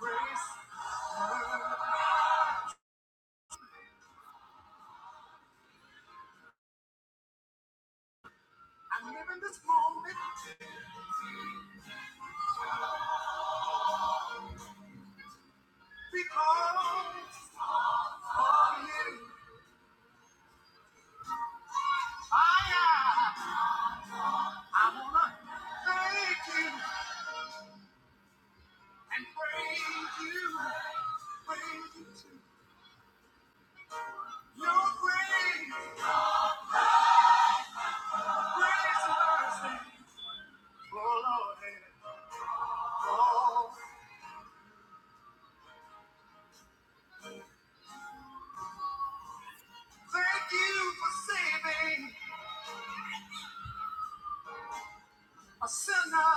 Grace, I'm living this moment because. A sinner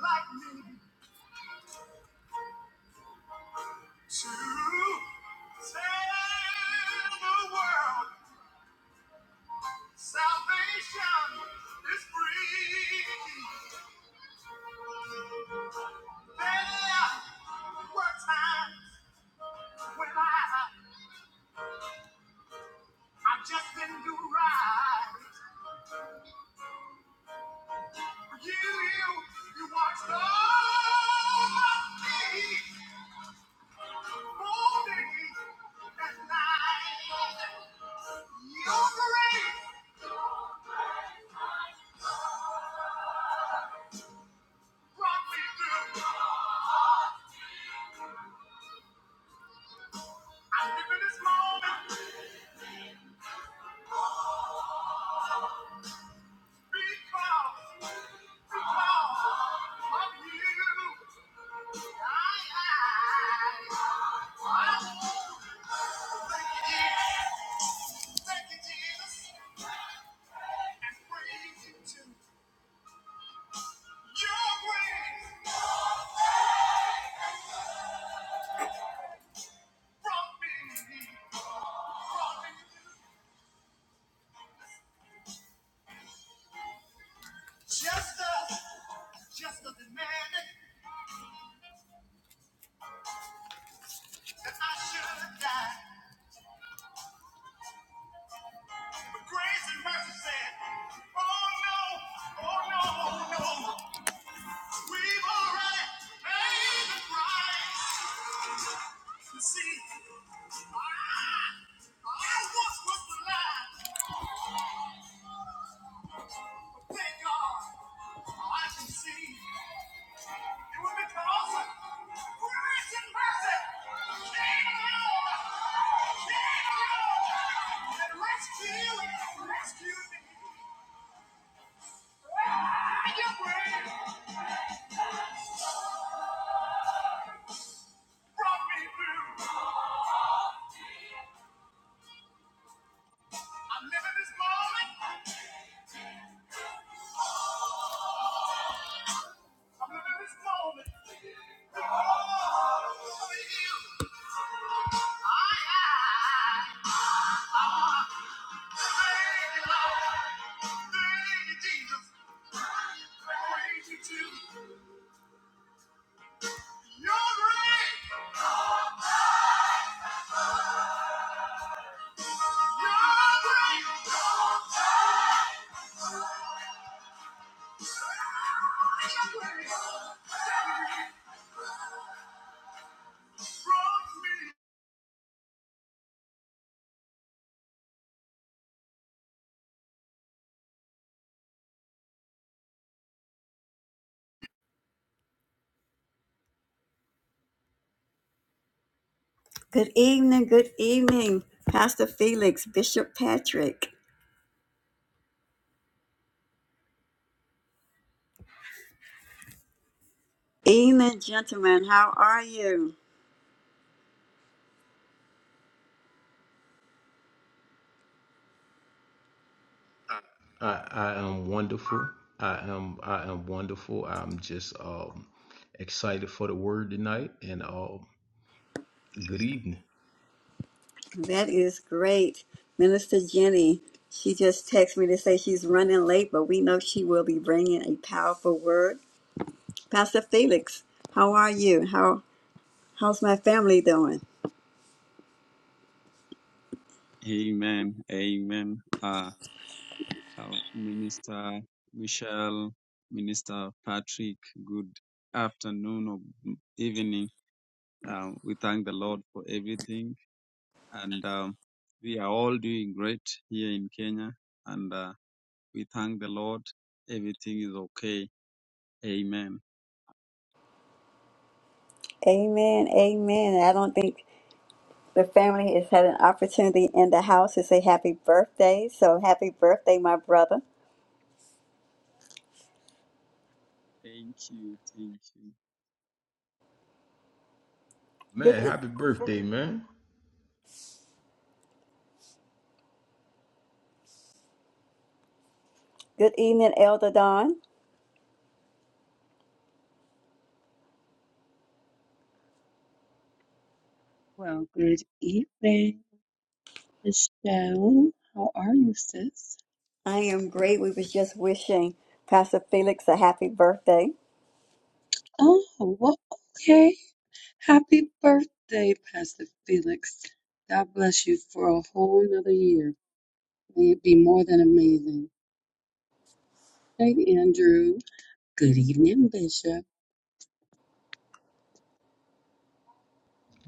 like me to Tell the world salvation is free. There were times when I, I just didn't do right. You, you, you watched over me, morning and night. Your grace brought me through. I live in this moment because, because of you. I, I, I won't forget. Thank you, Jesus. Just us, just us demanded that I should die. But grace and mercy said, Oh no, oh no, oh, no. We've already paid the price. You see, I, once was blind, but thank I can see. Thank you, Jesus. Praise you, too. You're great. Good evening, good evening, Pastor Felix, Bishop Patrick. Evening, gentlemen, how are you? I, I am wonderful. I am I am wonderful. I'm just um excited for the word tonight and um good evening. That is great. Minister Jenny, she just texted me to say she's running late, but we know she will be bringing a powerful word. Pastor Felix, how are you? How How's my family doing? Amen. Amen. Uh, uh, Minister Michelle, Minister Patrick, good afternoon or m- evening. Um, we thank the Lord for everything. And um, we are all doing great here in Kenya. And uh, we thank the Lord. Everything is okay. Amen. Amen, amen. I don't think The family has had an opportunity in the house to say happy birthday. So happy birthday, my brother. Thank you. Thank you. Good Man, e, happy birthday, man. good evening, Elder Don. Well, good evening, Michelle. How are you, sis? I am great. We was just wishing Pastor Felix a happy birthday. Oh, well, okay. Happy birthday, Pastor Felix. God bless you for a whole nother year. May it be more than amazing. Hey, Andrew. Good evening, Bishop.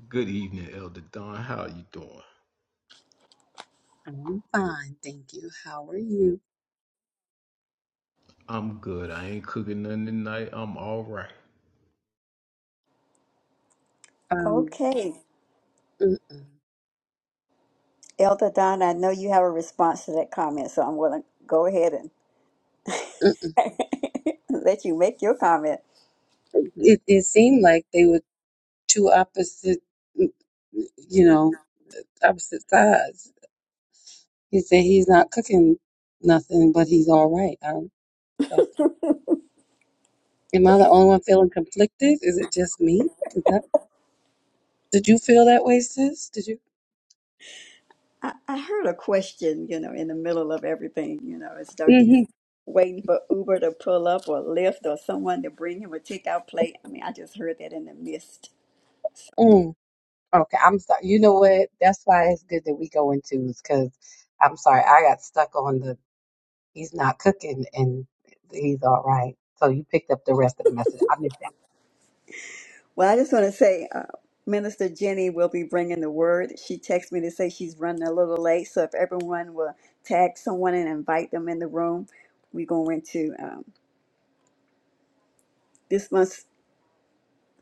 Good evening, Elder Don. How you doing? I'm fine, thank you. How are you? I'm good. I ain't cooking nothing tonight. I'm all right. Um, Okay. mm-mm, Elder Don, I know you have a response to that comment, so I'm gonna go ahead and mm-mm. let you make your comment. It, it seemed like they were two opposite, mm, you know, opposite sides. He said he's not cooking nothing, but he's all right. Um, that's, am I the only one feeling conflicted? Is it just me? Is that, did you feel that way, sis? Did you? I, I heard a question, you know, in the middle of everything, you know, as though he's Mm-hmm. waiting for Uber to pull up or Lyft or someone to bring him a takeout plate. I mean, I just heard that in the midst. So, Mm. Okay, I'm sorry. You know what? That's why it's good that we go in twos because I'm sorry. I got stuck on the he's not cooking and he's all right. So you picked up the rest of the message. I missed well, I just want to say, uh, Minister Jenny will be bringing the word. She texted me to say she's running a little late, so if everyone will tag someone and invite them in the room, we go into um, this month's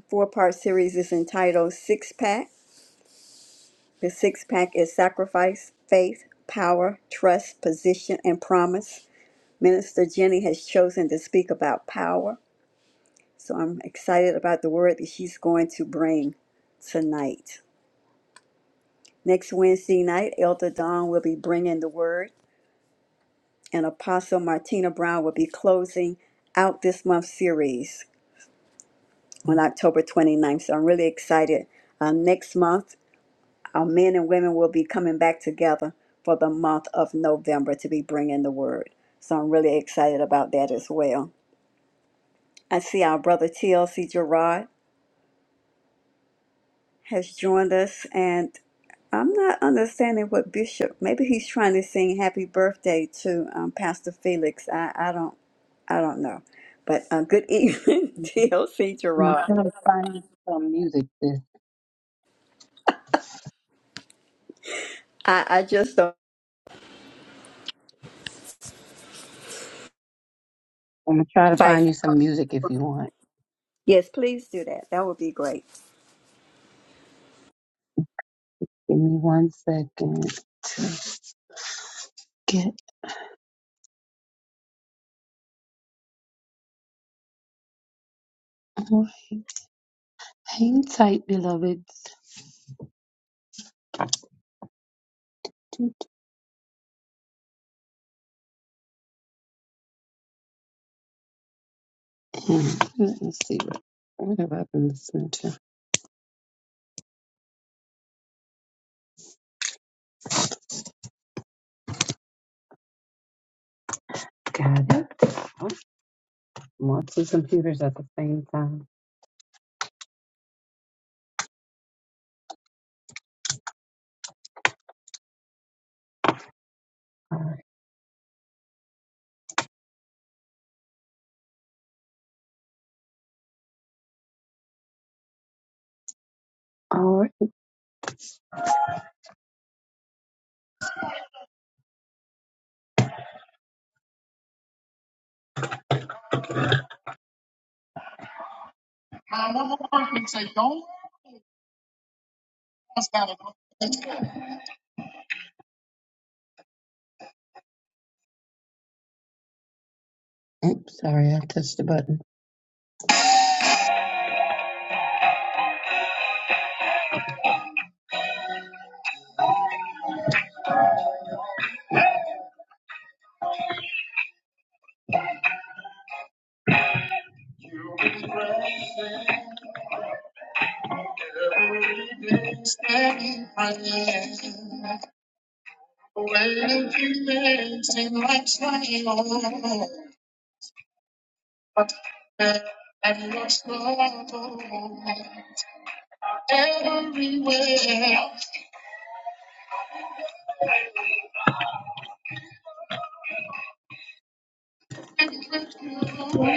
four-part series is entitled Six Pack The six pack is sacrifice, faith, power, trust, position, and promise. Minister Jenny has chosen to speak about power, so I'm excited about the word that she's going to bring tonight. Next Wednesday night, Elder Don will be bringing the word, and Apostle Martina Brown will be closing out this month's series on October 29th. So I'm really excited. Uh, next month Our men and women will be coming back together for the month of November to be bringing the word. So I'm really excited about that as well. I see our brother TLC Gerard has joined us, and I'm not understanding what Bishop. Maybe he's trying to sing "Happy Birthday" to um, Pastor Felix. I, I don't, I don't know. But uh, good evening, that. TLC I'm gonna Gerard. try to find you some music. Sis. I, I just don't I'm gonna try to find invite. you some music if you want. Yes, please do that. That would be great. Give me one second. Get on. Hang tight, beloveds. And Let me see what, what have I been listening to. Got it. are more two computers at the same time. All right. All right. My number one can say, don't ask out of Oops, sorry, I touched the button. You be praying every day, steady praying. Waiting few days seem like trying on, but there and what's going on? everywhere. I'm gonna come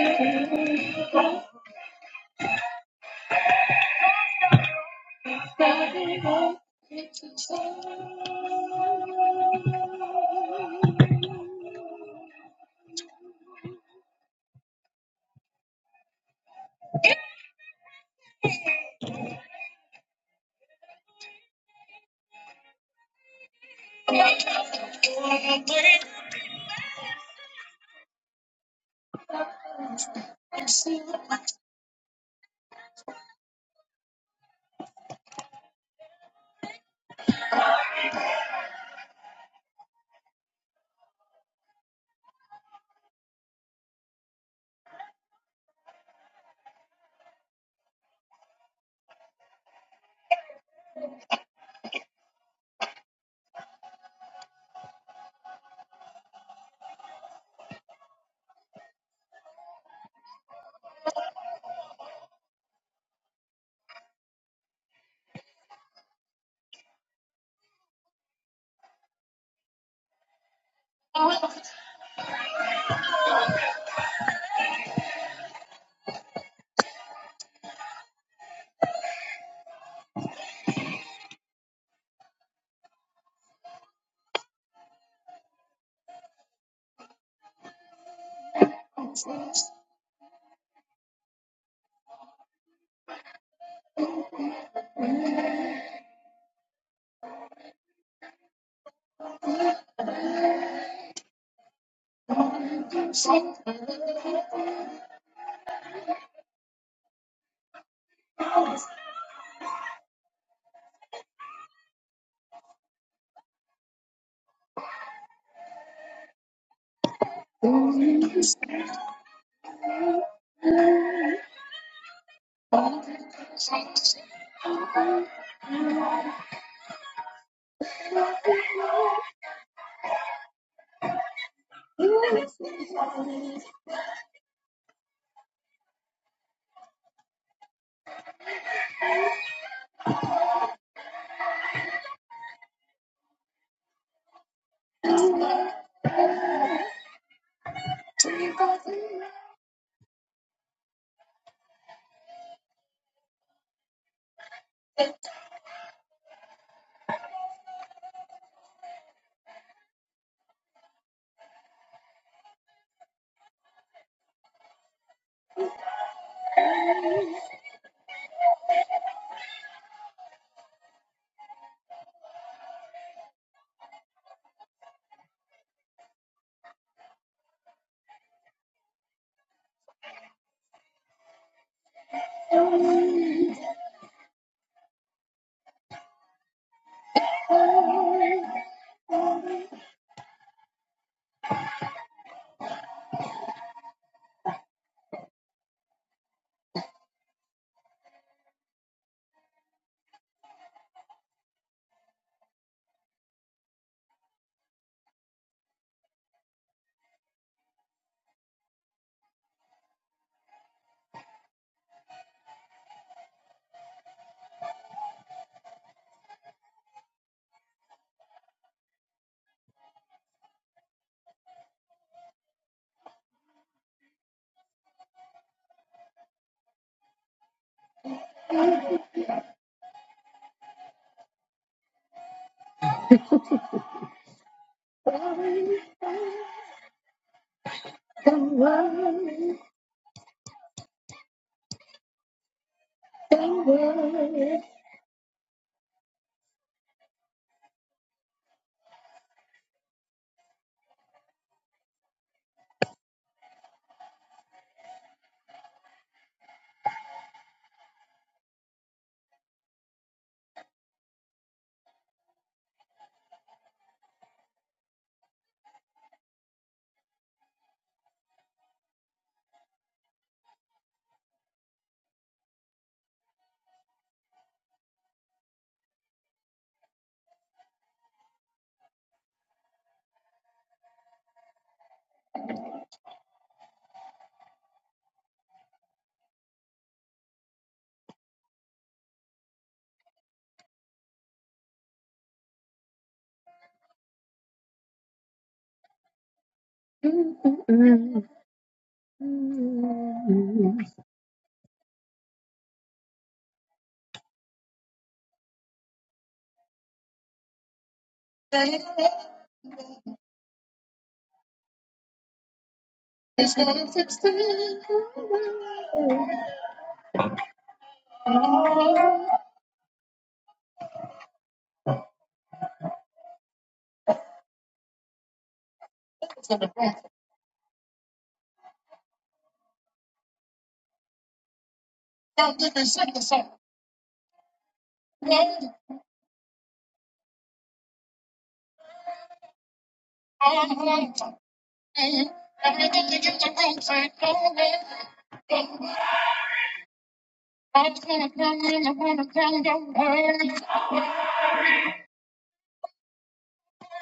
in, I'm gonna come down.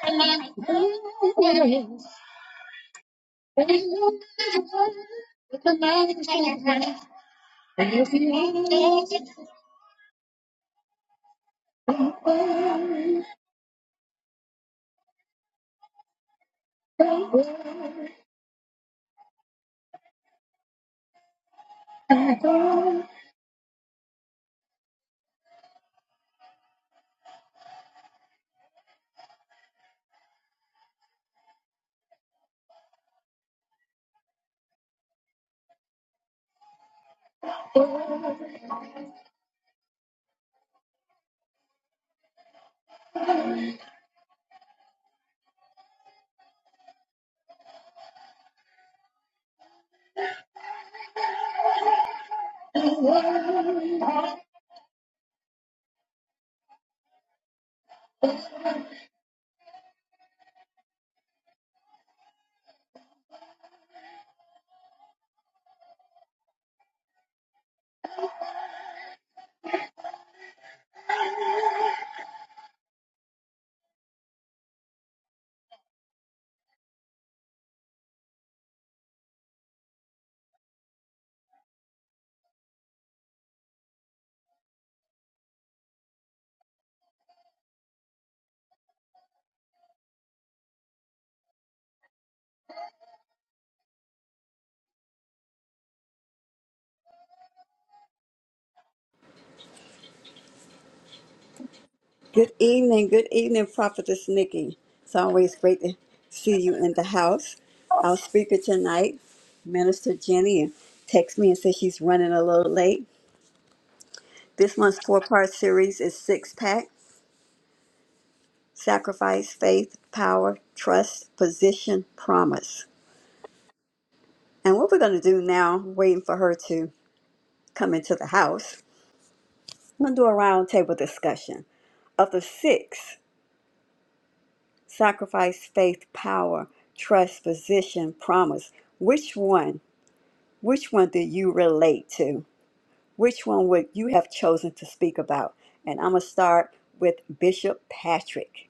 Uh, Good evening, good evening, Prophetess Nikki. It's always great to see you in the house. Our speaker tonight, Minister Jenny, texted me and said she's running a little late. This month's four part series is six pack sacrifice, faith, power, trust, position, promise. And what we're going to do now, waiting for her to come into the house, we're going to do a roundtable discussion of the six. sacrifice, faith, power, trust, position, promise. Which one? Which one do you relate to? Which one would you have chosen to speak about? And I'm gonna start with Bishop Patrick.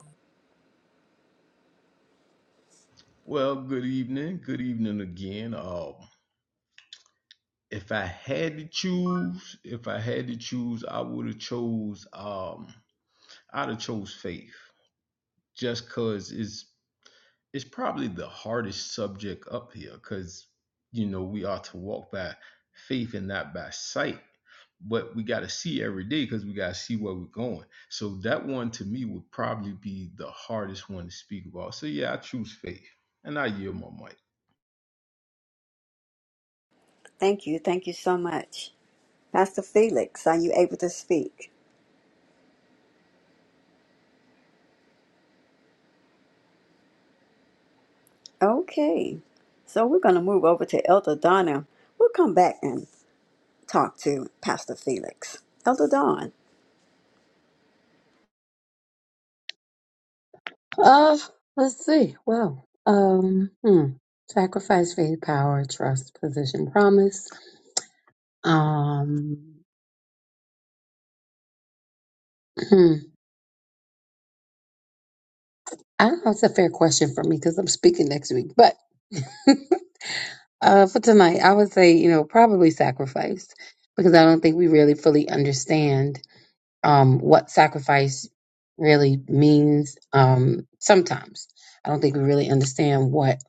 Well, good evening. Good evening again. Um if I had to choose, if I had to choose, I would have chose um I'd have chose faith. Just cause it's it's probably the hardest subject up here because you know we are to walk by faith and not by sight but we got to see every day because we got to see where we're going so that one to me would probably be the hardest one to speak about so yeah i choose faith and i yield my mic Thank you, thank you so much, Pastor Felix. Are you able to speak? Okay, so we're gonna move over to Elder Donna. We'll come back and talk to Pastor Felix. Elder Don. let's see. Well, um, hmm. Sacrifice, faith, power, trust, position, promise. Um, hmm. I don't know. if It's a fair question for me because I'm speaking next week, but Uh, for tonight, I would say, you know, probably sacrifice because I don't think we really fully understand um, what sacrifice really means. Um, sometimes I don't think we really understand what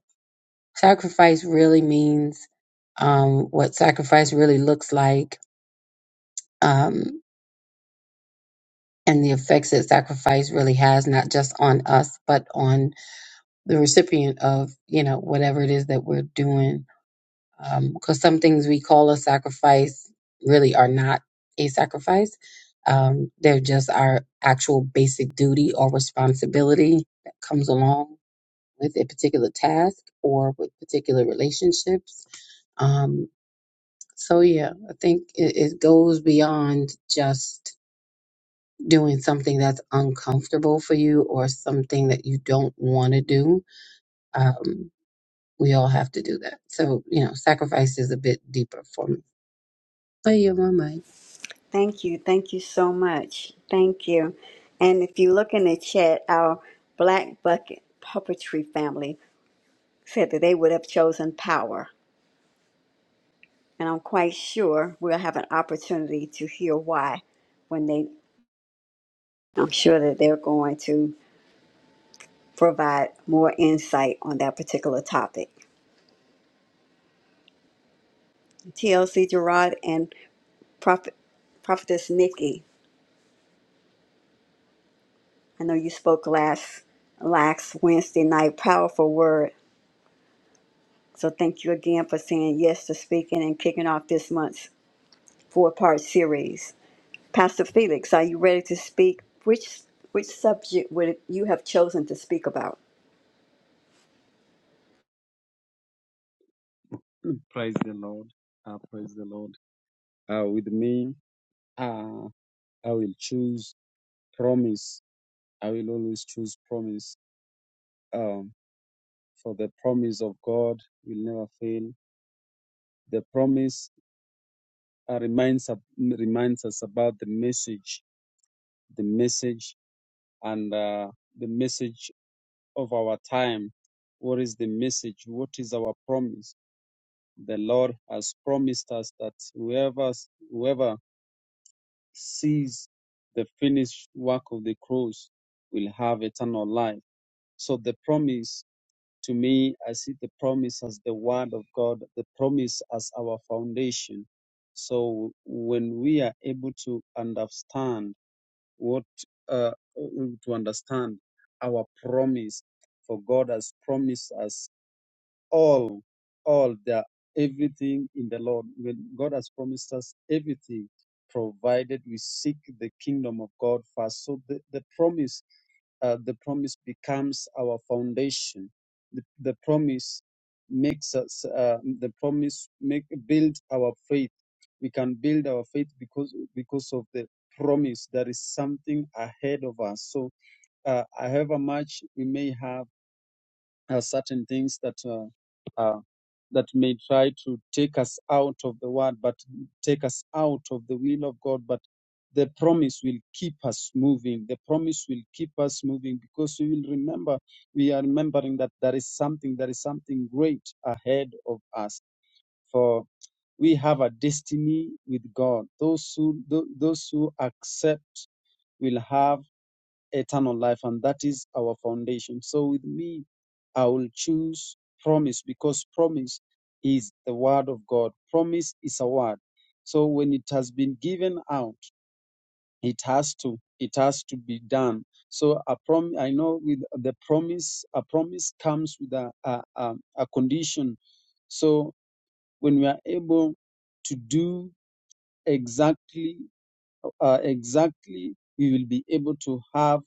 sacrifice really means, um, what sacrifice really looks like, um, and the effects that sacrifice really has, not just on us, but on the recipient of, you know, whatever it is that we're doing because some things we call a sacrifice really are not a sacrifice. Um, they're just our actual basic duty or responsibility that comes along with a particular task or with particular relationships. Um, so, yeah, I think it, it goes beyond just doing something that's uncomfortable for you or something that you don't want to do. Um, we all have to do that. So, you know, sacrifice is a bit deeper for me. I yield my mic. Thank you. Thank you so much. Thank you. And if you look in the chat, our Black Bucket Puppetry family said that they would have chosen power. And I'm quite sure we'll have an opportunity to hear why when they, I'm sure that they're going to provide more insight on that particular topic. TLC Gerard and Prophet, Prophetess Nikki, I know you spoke last, last Wednesday night, powerful word So thank you again for saying yes to speaking and kicking off this month's four-part series. Pastor Felix, are you ready to speak? Which which subject would you have chosen to speak about? Praise the Lord. Uh, praise the Lord. Uh, with me, uh, I will choose promise. I will always choose promise um, for the promise of God will never fail. The promise uh, reminds ab- reminds us about the message, the message, and uh, the message of our time. What is the message? What is our promise? The Lord has promised us that whoever whoever sees the finished work of the cross will have eternal life. So the promise To me, I see the promise as the word of God, the promise as our foundation. So when we are able to understand what, uh, to understand our promise, for God has promised us all, all the everything in the Lord. When God has promised us everything, provided we seek the kingdom of God first. So the, the promise uh, the promise becomes our foundation. The, the promise makes us, uh, the promise make build our faith. We can build our faith because because of the promise. There is something ahead of us. So, uh, however much we may have uh, certain things that uh, uh, that may try to take us out of the word, but take us out of the will of God. But the promise will keep us moving. The promise will keep us moving because we will remember. We are remembering that there is something. There is something great ahead of us. For we have a destiny with God. Those who tho- those who accept will have eternal life, and that is our foundation. So with me, I will choose promise because promise is the word of God. Promise is a word. So when it has been given out, it has to it has to be done. So a prom I know with the promise, a promise comes with a a, a, a condition. So when we are able to do exactly uh, exactly, we will be able to have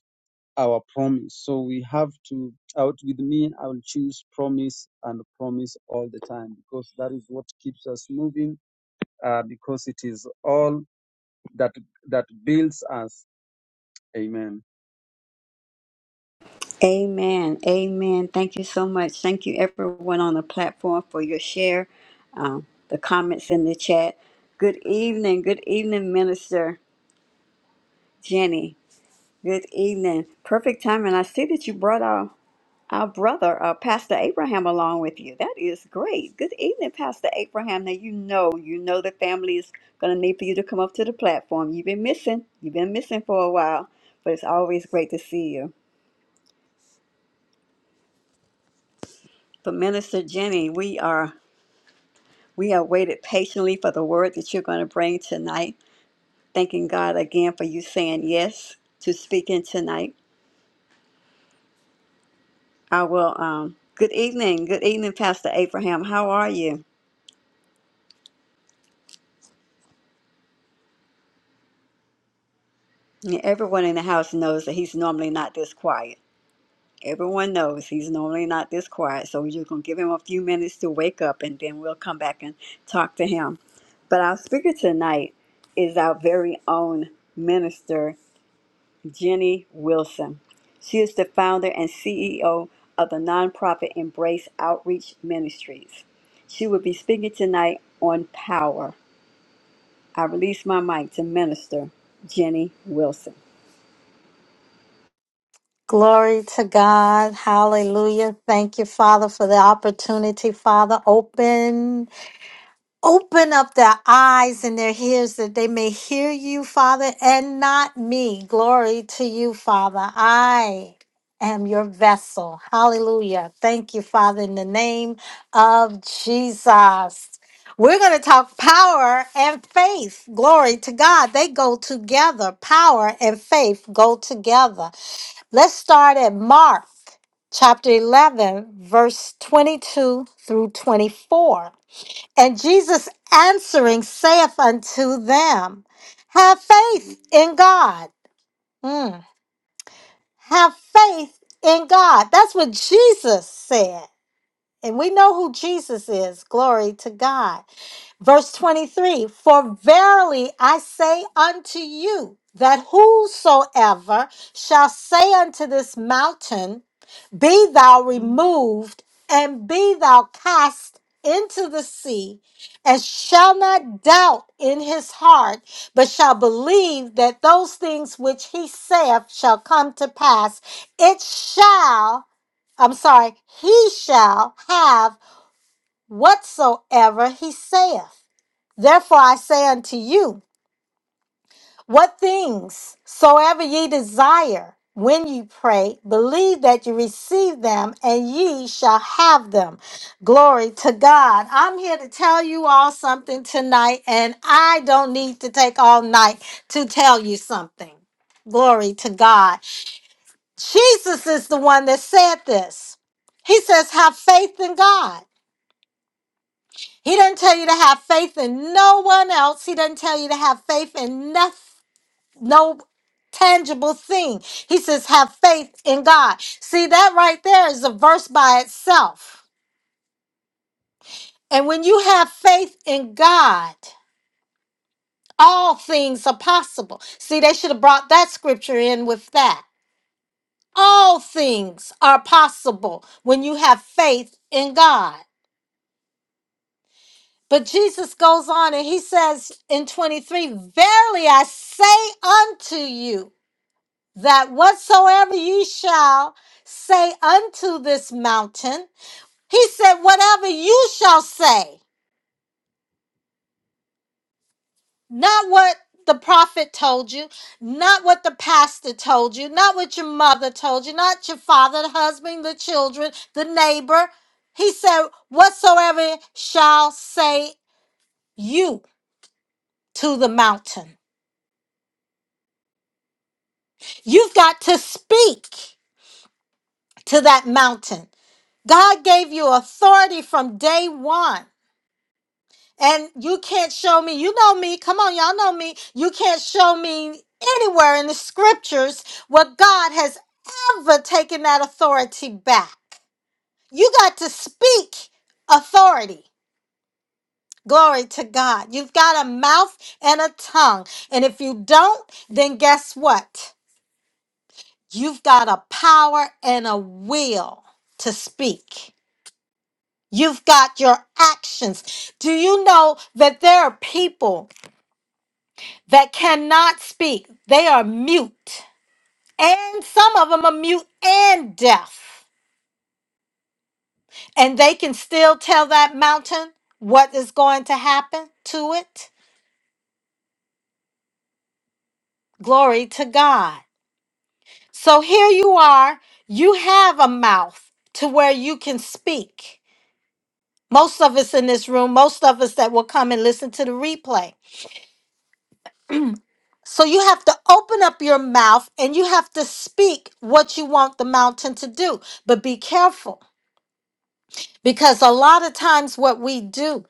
our promise. So we have to out with me, I will choose promise and promise all the time because that is what keeps us moving, uh, because it is all that that builds us. Amen. Amen. Amen. Thank you so much. Thank you everyone on the platform for your share, um, the comments in the chat. Good evening. Good evening, Minister Jenny. Good evening. Perfect timing. I see that you brought our our brother, uh, Pastor Abraham, along with you. That is great. Good evening, Pastor Abraham. Now you know, you know the family is going to need for you to come up to the platform. You've been missing. You've been missing for a while, but it's always great to see you. But Minister Jenny, we are we have waited patiently for the word that you're going to bring tonight. Thanking God again for you saying yes to speaking tonight. I will. Um, good evening, good evening, Pastor Abraham. How are you? And Everyone in the house knows that he's normally not this quiet. Everyone knows he's normally not this quiet, so we're just going to give him a few minutes to wake up and then we'll come back and talk to him. But our speaker tonight is our very own minister, Jenny Wilson. She is the founder and CEO of the nonprofit Embrace Outreach Ministries. She will be speaking tonight on power. I release my mic to minister Jenny Wilson. Glory to God. Hallelujah. Thank you, Father, for the opportunity. Father, open, open up their eyes and their ears that they may hear you, Father, and not me. Glory to you, Father. I am your vessel. Hallelujah. Thank you, Father, in the name of Jesus. We're going to talk power and faith. Glory to God. They go together. Power and faith go together. Let's start at Mark chapter 11, verse 22 through 24. And Jesus answering saith unto them, Have faith in God. Mm. Have faith in God. That's what Jesus said. And we know who Jesus is. Glory to God. Verse 23 For verily I say unto you, that whosoever shall say unto this mountain, Be thou removed, and be thou cast into the sea, and shall not doubt in his heart, but shall believe that those things which he saith shall come to pass, it shall, I'm sorry, he shall have whatsoever he saith. Therefore I say unto you, what things soever ye desire when ye pray, believe that ye receive them and ye shall have them. Glory to God. I'm here to tell you all something tonight, and I don't need to take all night to tell you something. Glory to God. Jesus is the one that said this. He says, Have faith in God. He doesn't tell you to have faith in no one else. He doesn't tell you to have faith in nothing, no tangible thing. He says, have faith in God. See, that right there is a verse by itself. And when you have faith in God, all things are possible. See, they should have brought that scripture in with that. All things are possible when you have faith in God. But Jesus goes on and he says in 23, Verily I say unto you, that whatsoever ye shall say unto this mountain, he said, whatever you shall say, not what the prophet told you, not what the pastor told you, not what your mother told you, not your father, the husband, the children, the neighbor. He said, whatsoever shall say you to the mountain. You've got to speak to that mountain. God gave you authority from day one. And you can't show me, you know me, come on, y'all know me. You can't show me anywhere in the scriptures where God has ever taken that authority back. You got to speak authority. Glory to God. You've got a mouth and a tongue. And if you don't, then guess what? You've got a power and a will to speak. You've got your actions. Do you know that there are people that cannot speak? They are mute. And some of them are mute and deaf. And they can still tell that mountain what is going to happen to it. Glory to God. So here you are. You have a mouth to where you can speak. Most of us in this room, most of us that will come and listen to the replay. So you have to open up your mouth and you have to speak what you want the mountain to do. But be careful because a lot of times what we do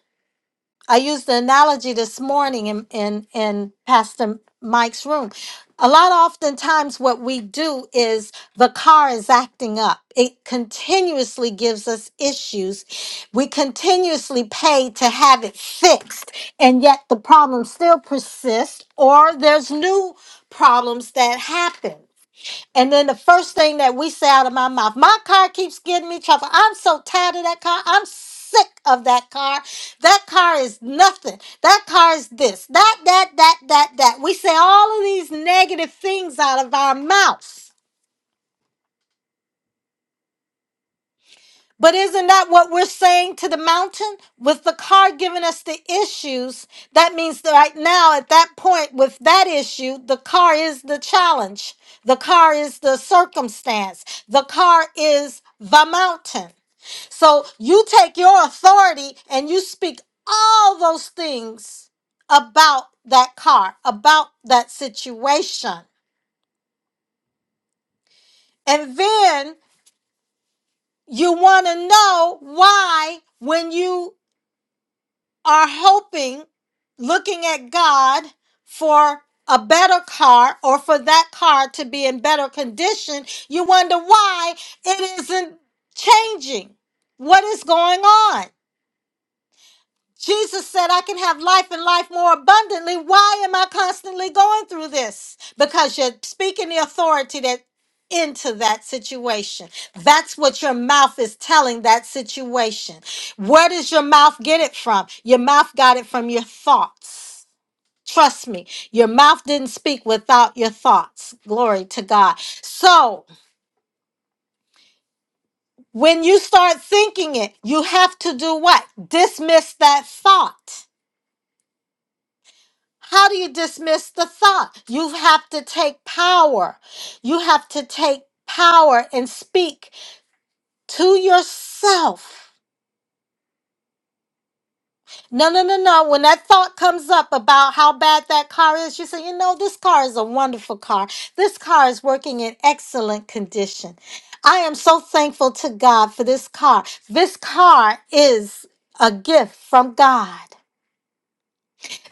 I used the analogy this morning in, in, in Pastor Mike's room. A lot oftentimes, what we do is the car is acting up. It continuously gives us issues. We continuously pay to have it fixed, and yet the problem still persists, or there's new problems that happen. And then the first thing that we say out of my mouth, my car keeps getting me trouble. I'm so tired of that car. I'm sick of that car. That car is nothing. That car is this, that, that, that, that, that. We say all of these negative things out of our mouth. But isn't that what we're saying to the mountain? With the card giving us the issues, that means that right now, at that point, with that issue, the car is the challenge, the car is the circumstance, the car is the mountain. So you take your authority and you speak all those things about that car, about that situation. And then you want to know why when you are hoping, looking at God for a better car or for that car to be in better condition, you wonder why it isn't changing. What is going on? Jesus said, I can have life and life more abundantly. Why am I constantly going through this? Because you're speaking the authority that into that situation. That's what your mouth is telling that situation. Where does your mouth get it from? Your mouth got it from your thoughts. Trust me, your mouth didn't speak without your thoughts. Glory to God. So, when you start thinking it, you have to do what? Dismiss that thought How do you dismiss the thought? You have to take power. You have to take power and speak to yourself. No, no, no, no. When that thought comes up about how bad that car is, you say, you know, this car is a wonderful car. This car is working in excellent condition. I am so thankful to God for this car. This car is a gift from God.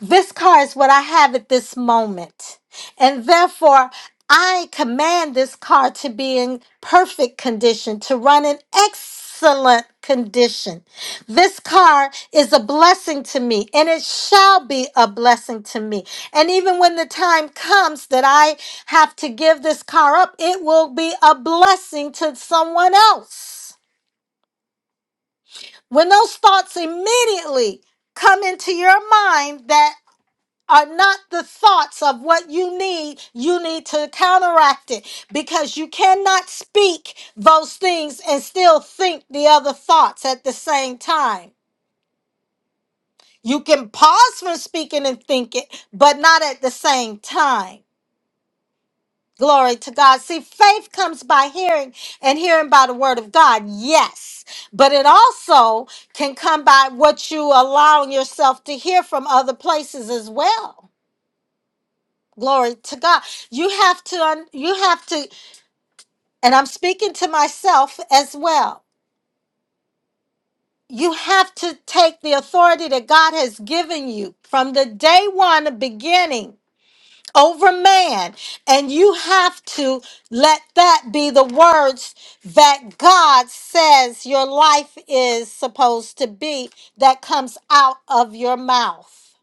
This car is what I have at this moment. And therefore, I command this car to be in perfect condition, to run in excellent condition. This car is a blessing to me, and it shall be a blessing to me. And even when the time comes that I have to give this car up, it will be a blessing to someone else. When those thoughts immediately come into your mind that are not the thoughts of what you need, you need to counteract it because you cannot speak those things and still think the other thoughts at the same time. You can pause from speaking and think it, but not at the same time. Glory to God. See, faith comes by hearing and hearing by the word of God, yes, but it also can come by what you allowing yourself to hear from other places as well. Glory to God. You have to, un- you have to, and I'm speaking to myself as well. You have to take the authority that God has given you from the day one beginning over man, and you have to let that be the words that God says your life is supposed to be that comes out of your mouth.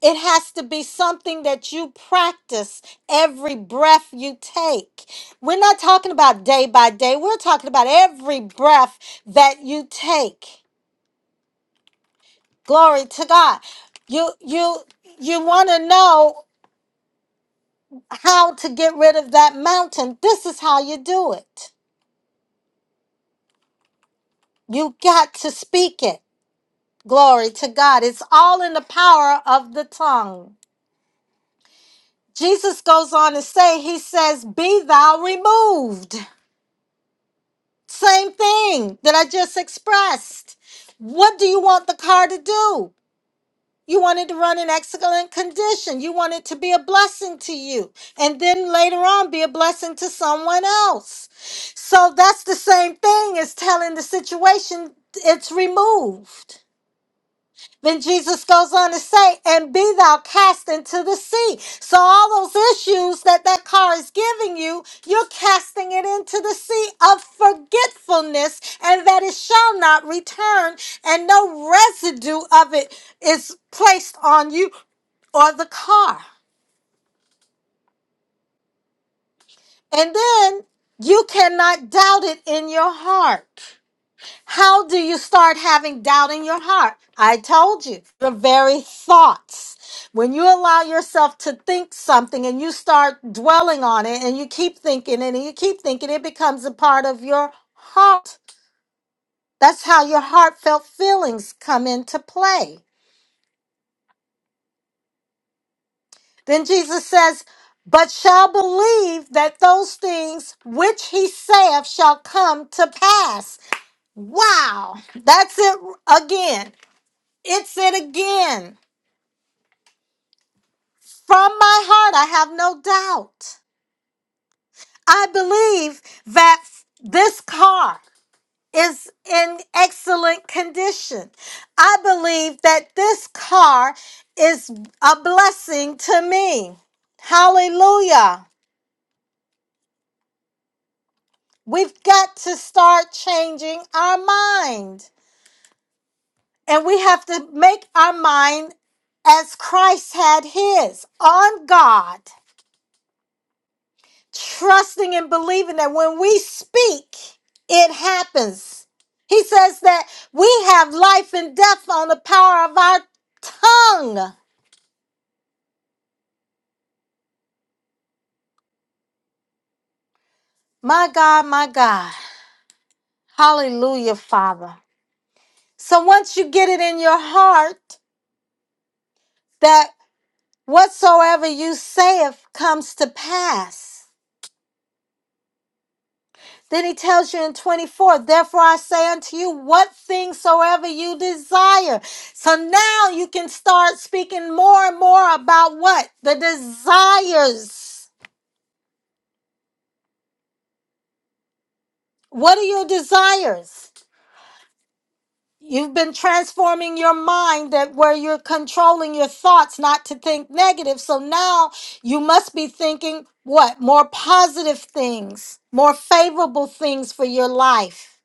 It has to be something that you practice every breath you take. We're not talking about day by day, we're talking about every breath that you take. Glory to God. You you you want to know how to get rid of that mountain. This is how you do it. You got to speak it. Glory to God. It's all in the power of the tongue. Jesus goes on to say, He says, Be thou removed. Same thing that I just expressed. What do you want the car to do? You want it to run in excellent condition. You want it to be a blessing to you. And then later on, be a blessing to someone else. So that's the same thing as telling the situation it's removed. Then Jesus goes on to say, and be thou cast into the sea. So all those issues that that car is giving you, you're casting it into the sea of forgetfulness and that it shall not return and no residue of it is placed on you or the car. And then you cannot doubt it in your heart. How do you start having doubt in your heart? I told you, the very thoughts. When you allow yourself to think something and you start dwelling on it and you keep thinking it and you keep thinking, it becomes a part of your heart. That's how your heartfelt feelings come into play. Then Jesus says, But shall believe that those things which he saith shall come to pass. Wow, that's it again. It's it again. From my heart, I have no doubt. I believe that this car is in excellent condition. I believe that this car is a blessing to me. Hallelujah. We've got to start changing our mind. And we have to make our mind as Christ had his on God. trusting and believing that when we speak, it happens. He says that we have life and death on the power of our tongue. My God, my God. Hallelujah, Father. So once you get it in your heart that whatsoever you saith comes to pass, Then he tells you in 24, therefore I say unto you, what things soever you desire. So now you can start speaking more and more about what? The desires. What are your desires? You've been transforming your mind that where you're controlling your thoughts not to think negative. So now you must be thinking what? More positive things, more favorable things for your life.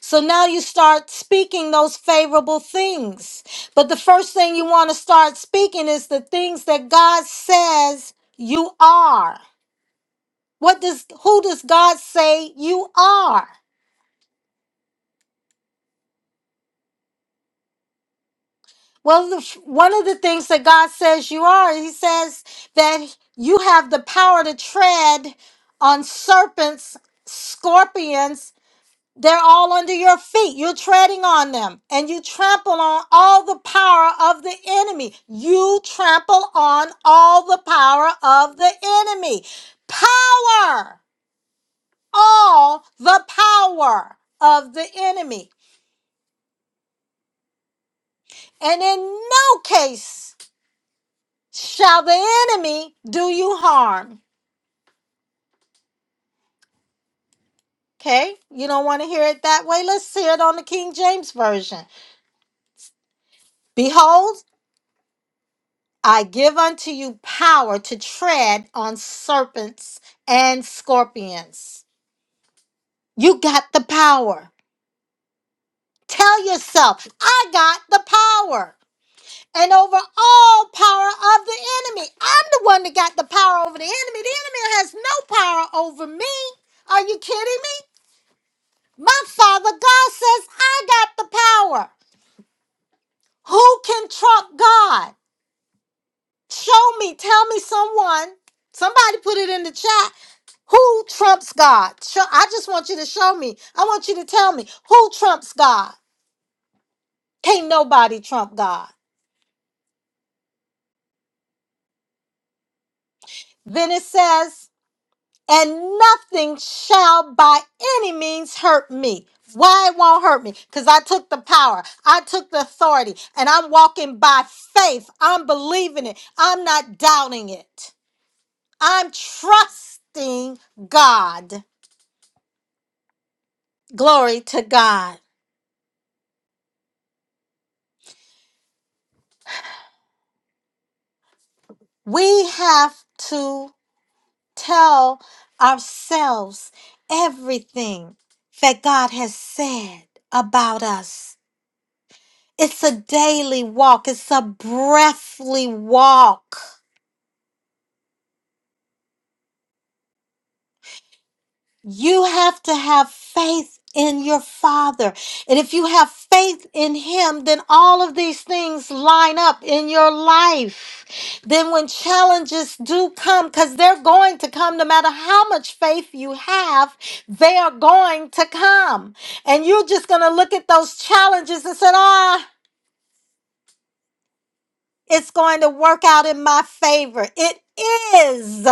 So now you start speaking those favorable things. But the first thing you want to start speaking is the things that God says you are. What does who does God say you are? Well, the, f- one of the things that God says you are, he says that you have the power to tread on serpents, scorpions, They're all under your feet. You're treading on them and you trample on all the power of the enemy. You trample on all the power of the enemy. Power, all the power of the enemy. And in no case shall the enemy do you harm. Okay? You don't want to hear it that way? Let's hear it on the King James Version. Behold, I give unto you power to tread on serpents and scorpions. You got the power. Tell yourself, I got the power. And over all power of the enemy. I'm the one that got the power over the enemy. The enemy has no power over me. Are you kidding me? My father God says, I got the power. Who can trump God? Show me, tell me someone. Somebody put it in the chat. Who trumps God? Show, I just want you to show me. I want you to tell me who trumps God. Can't nobody trump God. Then it says, and nothing shall by any means hurt me. Why it won't hurt me? Because I took the power, I took the authority, and I'm walking by faith. I'm believing it, I'm not doubting it. I'm trusting God. Glory to God. We have to. tell ourselves everything that God has said about us. It's a daily walk, it's a breathly walk. You have to have faith in your Father. And if you have faith in Him, then all of these things line up in your life. Then, when challenges do come, because they're going to come no matter how much faith you have, they are going to come. And you're just going to look at those challenges and say, ah. It's going to work out in my favor. It is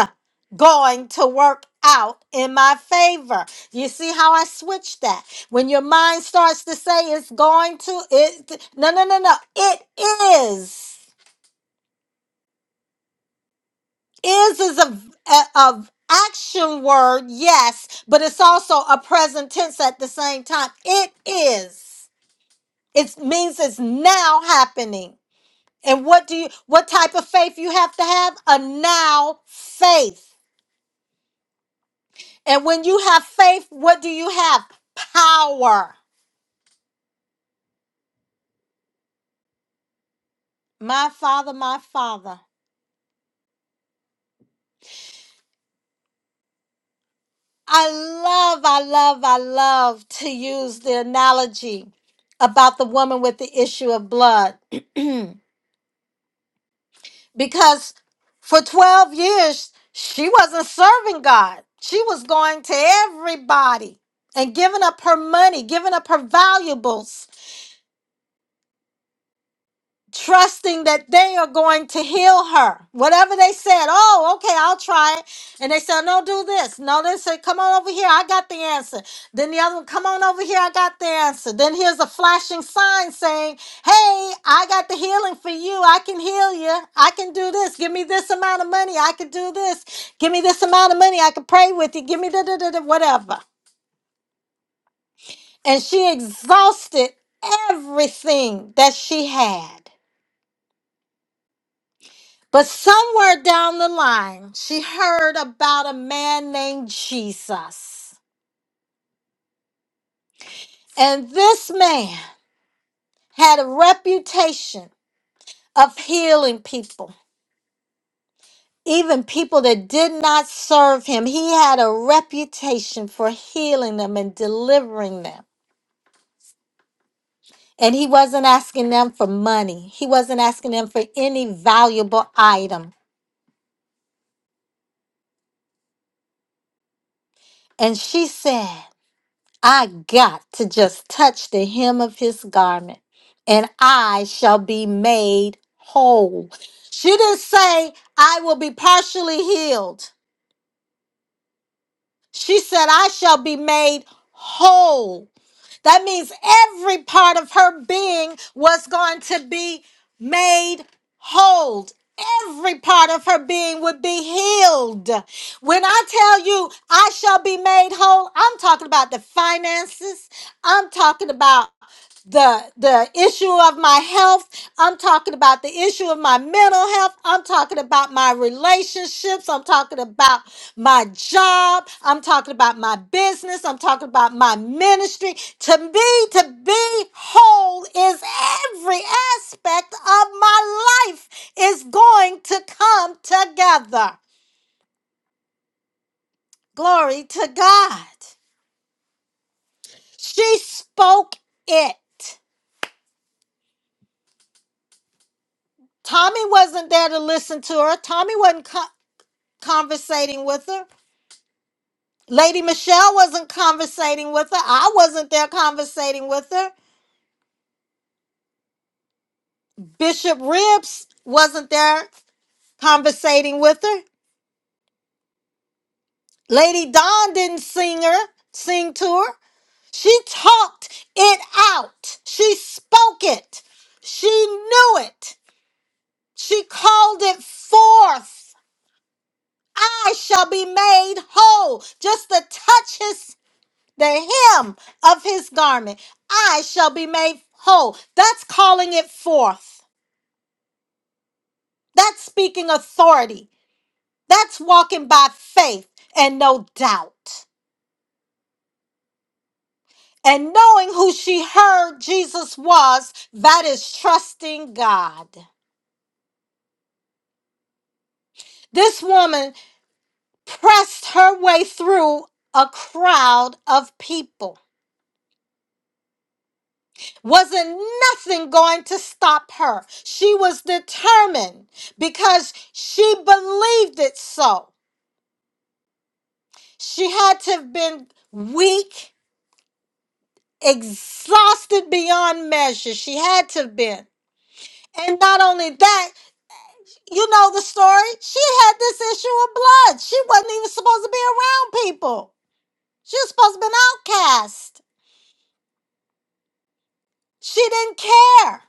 going to work out in my favor. You see how I switched that? When your mind starts to say it's going to, it no no no no. It is. Is is a a, a action word, yes, but it's also a present tense at the same time. It is. It means it's now happening. And what do you what type of faith you have to have? A now faith. And when you have faith, what do you have? Power. My father, my father. I love, I love, I love to use the analogy about the woman with the issue of blood. because for 12 years, she wasn't serving God. She was going to everybody and giving up her money, giving up her valuables trusting that they are going to heal her. Whatever they said, oh, okay, I'll try it. And they said, no, do this. No, they said, come on over here, I got the answer. Then the other one, come on over here, I got the answer. Then here's a flashing sign saying, hey, I got the healing for you. I can heal you. I can do this. Give me this amount of money. I can do this. Give me this amount of money. I can pray with you. Give me da da da da, whatever. And she exhausted everything that she had But somewhere down the line, she heard about a man named Jesus. And this man had a reputation of healing people, even people that did not serve him. He had a reputation for healing them and delivering them. And he wasn't asking them for money, he wasn't asking them for any valuable item. And she said, I got to just touch the hem of his garment and I shall be made whole. She didn't say, I will be partially healed. She said, I shall be made whole. That means every part of her being was going to be made whole. Every part of her being would be healed. When I tell you I shall be made whole, I'm talking about the finances. I'm talking about the the issue of my health i'm talking about the issue of my mental health i'm talking about my relationships i'm talking about my job i'm talking about my business i'm talking about my ministry to me to be whole is every aspect of my life is going to come together glory to god she spoke it Tommy wasn't there to listen to her. Tommy wasn't. conversating with her. Lady Michelle wasn't conversating with her. I wasn't there conversating with her. Bishop Ribs wasn't there conversating with her. Lady Dawn didn't sing her, sing to her. She talked it out. She spoke it. She knew it. She called it forth. I shall be made whole. Just to touch his. the hem of his garment, I shall be made whole. That's calling it forth. That's speaking authority. That's walking by faith and no doubt. And knowing who she heard Jesus was, that is trusting God. This woman pressed her way through a crowd of people. Wasn't nothing going to stop her. She was determined because she believed it so. She had to have been weak, exhausted beyond measure. She had to have been. And not only that, you know the story. She had this issue of blood. She wasn't even supposed to be around people. She was supposed to be an outcast. She didn't care.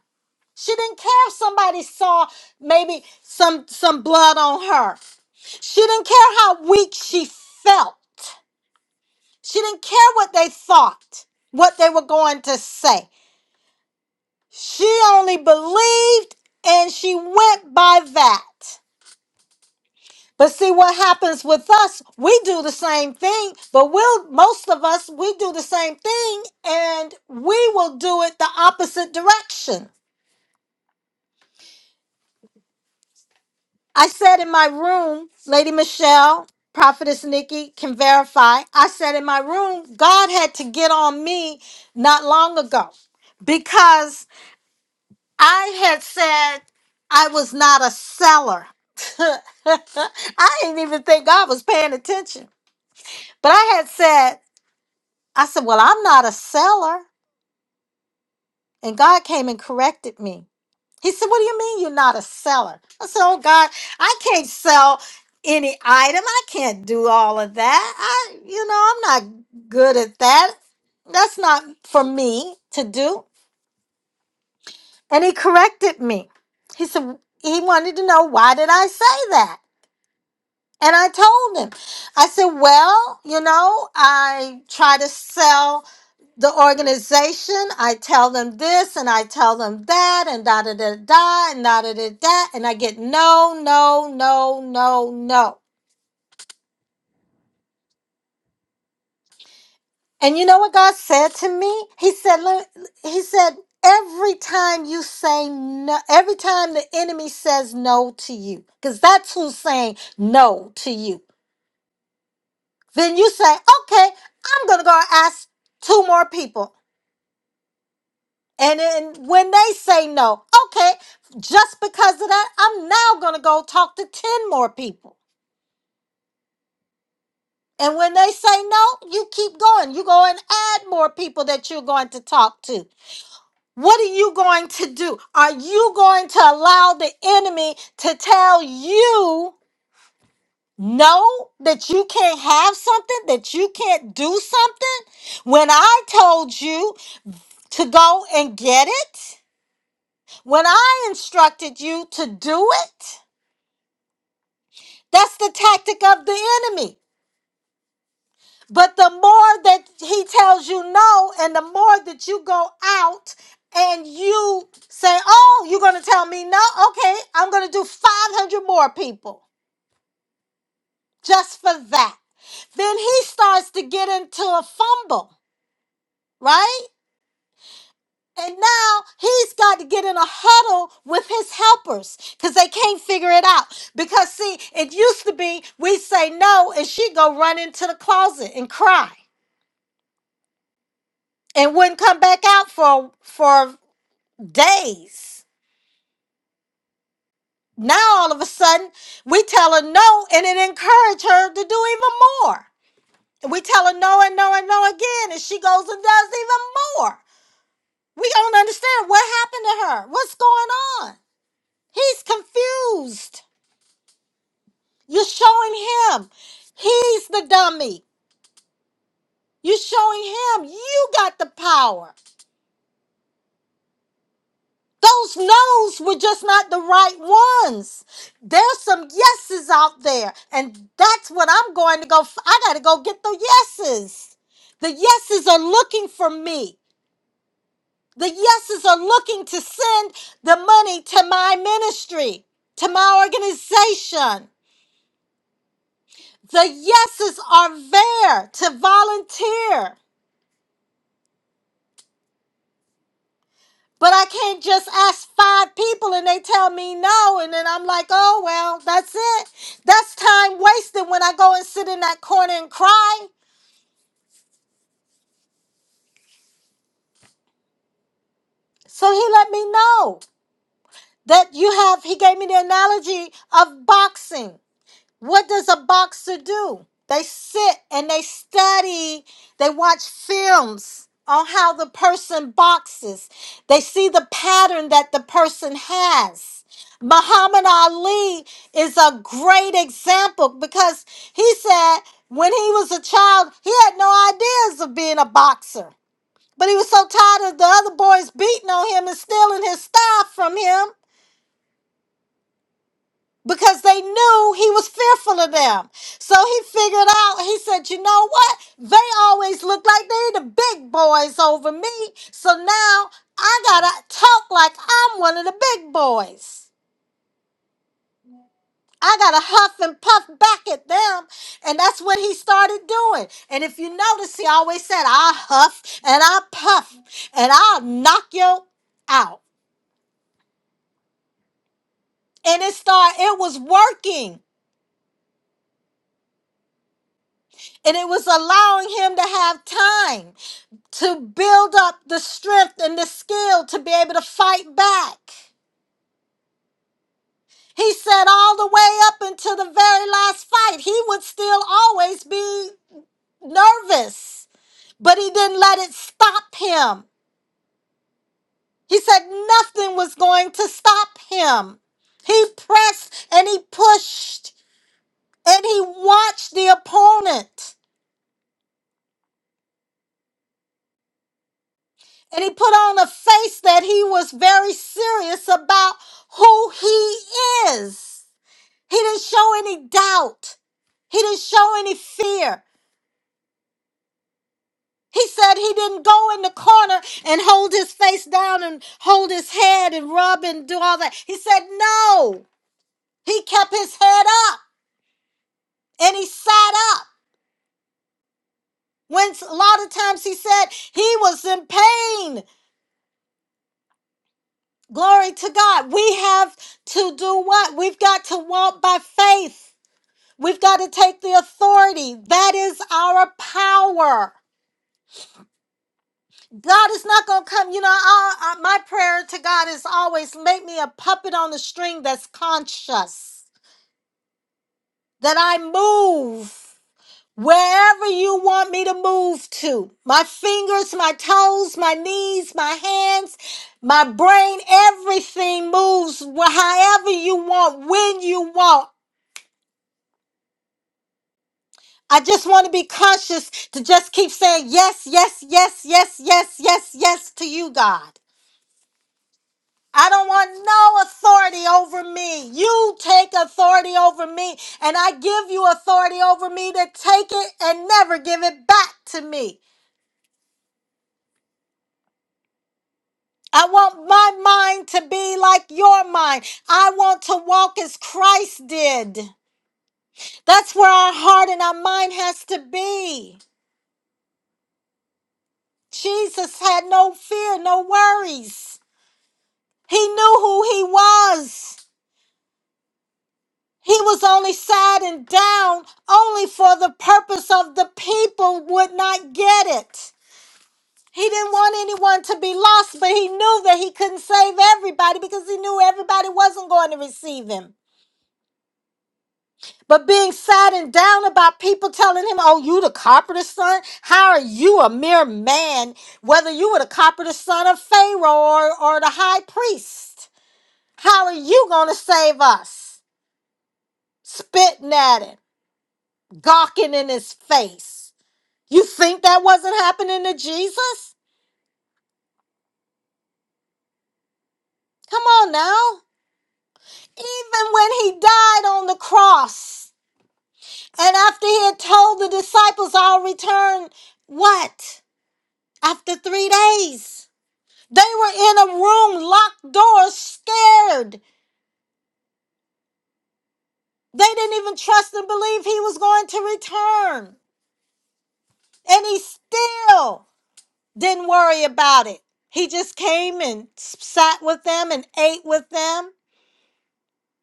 She didn't care if somebody saw maybe some some blood on her. She didn't care how weak she felt. She didn't care what they thought, what they were going to say. She only believed and she went by that. But see what happens with us, we do the same thing, but we'll most of us we do the same thing and we will do it the opposite direction. I said in my room, Lady Michelle, Prophetess Nikki can verify. I said in my room, God had to get on me not long ago because I had said I was not a seller. I didn't even think God was paying attention. But I had said, I said, Well, I'm not a seller. And God came and corrected me. He said, What do you mean you're not a seller? I said, Oh, God, I can't sell any item. I can't do all of that. I, you know, I'm not good at that. That's not for me to do. And he corrected me. He said, He wanted to know why did I say that? And I told him, I said, well, you know, I try to sell the organization. I tell them this and I tell them that and da da da da and da da da da. And I get no, no, no, no, no. And you know what God said to me? He said, "Let- He said, every time you say no, every time the enemy says no to you, because that's who's saying no to you. Then you say, okay, I'm going to go ask two more people. And then when they say no, okay, just because of that, I'm now going to go talk to 10 more people. And when they say no, you keep going. You go and add more people that you're going to talk to. What are you going to do? Are you going to allow the enemy to tell you no, that you can't have something, that you can't do something? When I told you to go and get it when I instructed you to do it. That's the tactic of the enemy. But the more that he tells you no, and the more that you go out and you say, Oh, you're going to tell me no? Okay, I'm going to do 500 more people just for that. Then he starts to get into a fumble, right? And now he's got to get in a huddle with his helpers because they can't figure it out. Because see, it used to be we say no, and she go run into the closet and cry and wouldn't come back out for for days. Now all of a sudden we tell her no, and it encouraged her to do even more. And we tell her no and no and no again, and she goes and does even more. We don't understand what happened to her. What's going on? He's confused. You're showing him he's the dummy. You're showing him you got the power. Those no's were just not the right ones. There's some yeses out there, and that's what I'm going to go. F- I got to go get the yeses. The yeses are looking for me. The yeses are looking to send the money to my ministry, to my organization. The yeses are there to volunteer. But I can't just ask five people and they tell me no. And then I'm like, oh, well, that's it. That's time wasted when I go and sit in that corner and cry. So he let me know that you have, he gave me the analogy of boxing. What does a boxer do? They sit and they study, they watch films on how the person boxes. They see the pattern that the person has. Muhammad Ali is a great example because he said when he was a child, he had no ideas of being a boxer. But he was so tired of the other boys beating on him and stealing his stuff from him because they knew he was fearful of them. So he figured out, he said, you know what? They always look like they the big boys over me. So now I gotta talk like I'm one of the big boys. I gotta huff and puff back at them. And that's what he started doing. And if you notice, he always said, I'll huff and I'll puff and I'll knock you out. And it started, it was working. And it was allowing him to have time. to build up the strength and the skill to be able to fight back. He said all the way up until the very last fight, he would still always be nervous, but he didn't let it stop him. He said nothing was going to stop him. He pressed and he pushed and he watched the opponent and he put on a face that he was very serious about who he is. He didn't show any doubt. He didn't show any fear. He said he didn't go in the corner and hold his face down and hold his head and rub and do all that. He said no. He kept his head up and he sat up. When s- a lot of times he said he was in pain. Glory to God. We have to do what? We've got to walk by faith. We've got to take the authority. That is our power. God is not going to come. You know, I, I- my prayer to God is always make me a puppet on the string that's conscious, that I move wherever you want me to move to. My fingers, my toes, my knees, my hands, my brain, everything moves wh- however you want, when you want. I just want to be conscious to just keep saying yes, yes, yes, yes, yes, yes, yes to you, God. I don't want no authority over me. You take authority over me, and I give you authority over me to take it and never give it back to me. I want my mind to be like your mind. I want to walk as Christ did. That's where our heart and our mind has to be. Jesus had no fear, no worries. He knew who he was. He was only sad and down only for the purpose of the people would not get it. He didn't want anyone to be lost, but he knew that he couldn't save everybody because he knew everybody wasn't going to receive him. But being sad and down about people telling him, Oh, you the carpenter's son? How are you a mere man? Whether you were the carpenter's son of Pharaoh or, or the high priest, how are you going to save us? Spitting at him, gawking in his face. You think that wasn't happening to Jesus? Come on now. Even when he died on the cross, and after he had told the disciples, I'll return, what? After three days. They were in a room, locked doors, scared. They didn't even trust and believe he was going to return. And he still didn't worry about it. He just came and sat with them and ate with them.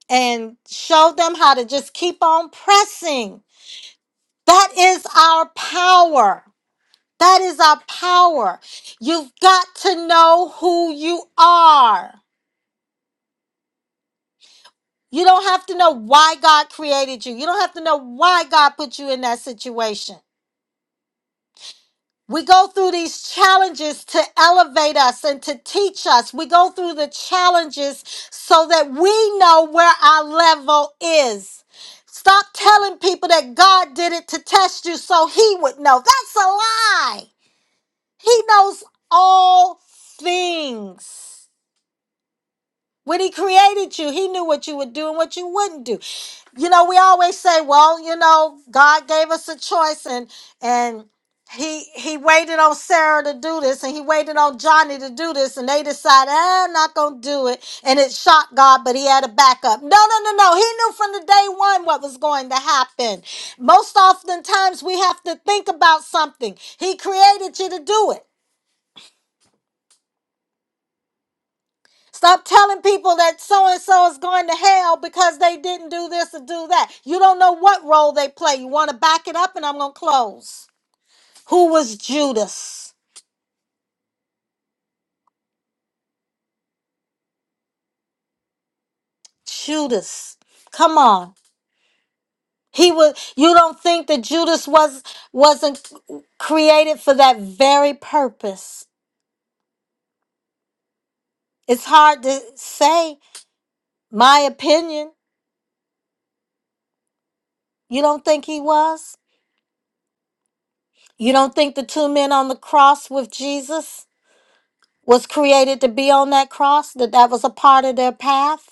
and show them how to just keep on pressing. That is our power. That is our power. You've got to know who you are. You don't have to know why God created you. You don't have to know why God put you in that situation. We go through these challenges to elevate us and to teach us. We go through the challenges so that we know where our level is. Stop telling people that God did it to test you so he would know. That's a lie. He knows all things. When he created you, he knew what you would do and what you wouldn't do you know we always say well you know god gave us a choice and and he he waited on sarah to do this and he waited on johnny to do this and they decided "Ah, i'm not gonna do it and it shocked god but he had a backup no no no no he knew from the day one what was going to happen most oftentimes we have to think about something he created you to do it Stop telling people that so and so is going to hell because they didn't do this or do that. You don't know what role they play. You want to back it up, and I'm going to close. Who was Judas? Judas. Come on. He was you don't think that Judas was wasn't created for that very purpose. It's hard to say my opinion. You don't think he was? You don't think the two men on the cross with Jesus? was created to be on that cross, that that was a part of their path.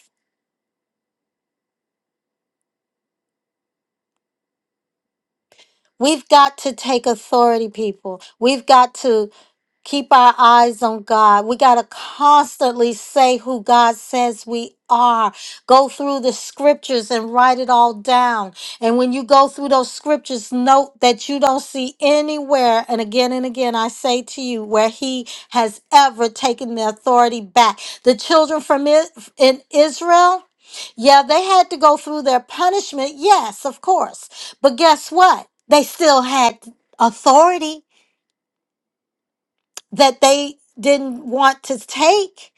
We've got to take authority, people. We've got to Keep our eyes on God. We got to constantly say who God says we are. Go through the scriptures and write it all down. And when you go through those scriptures, note that you don't see anywhere, and again and again, I say to you, where He has ever taken the authority back. The children from I- in Israel, yeah, they had to go through their punishment. Yes, of course. But guess what? They still had authority that they didn't want to take.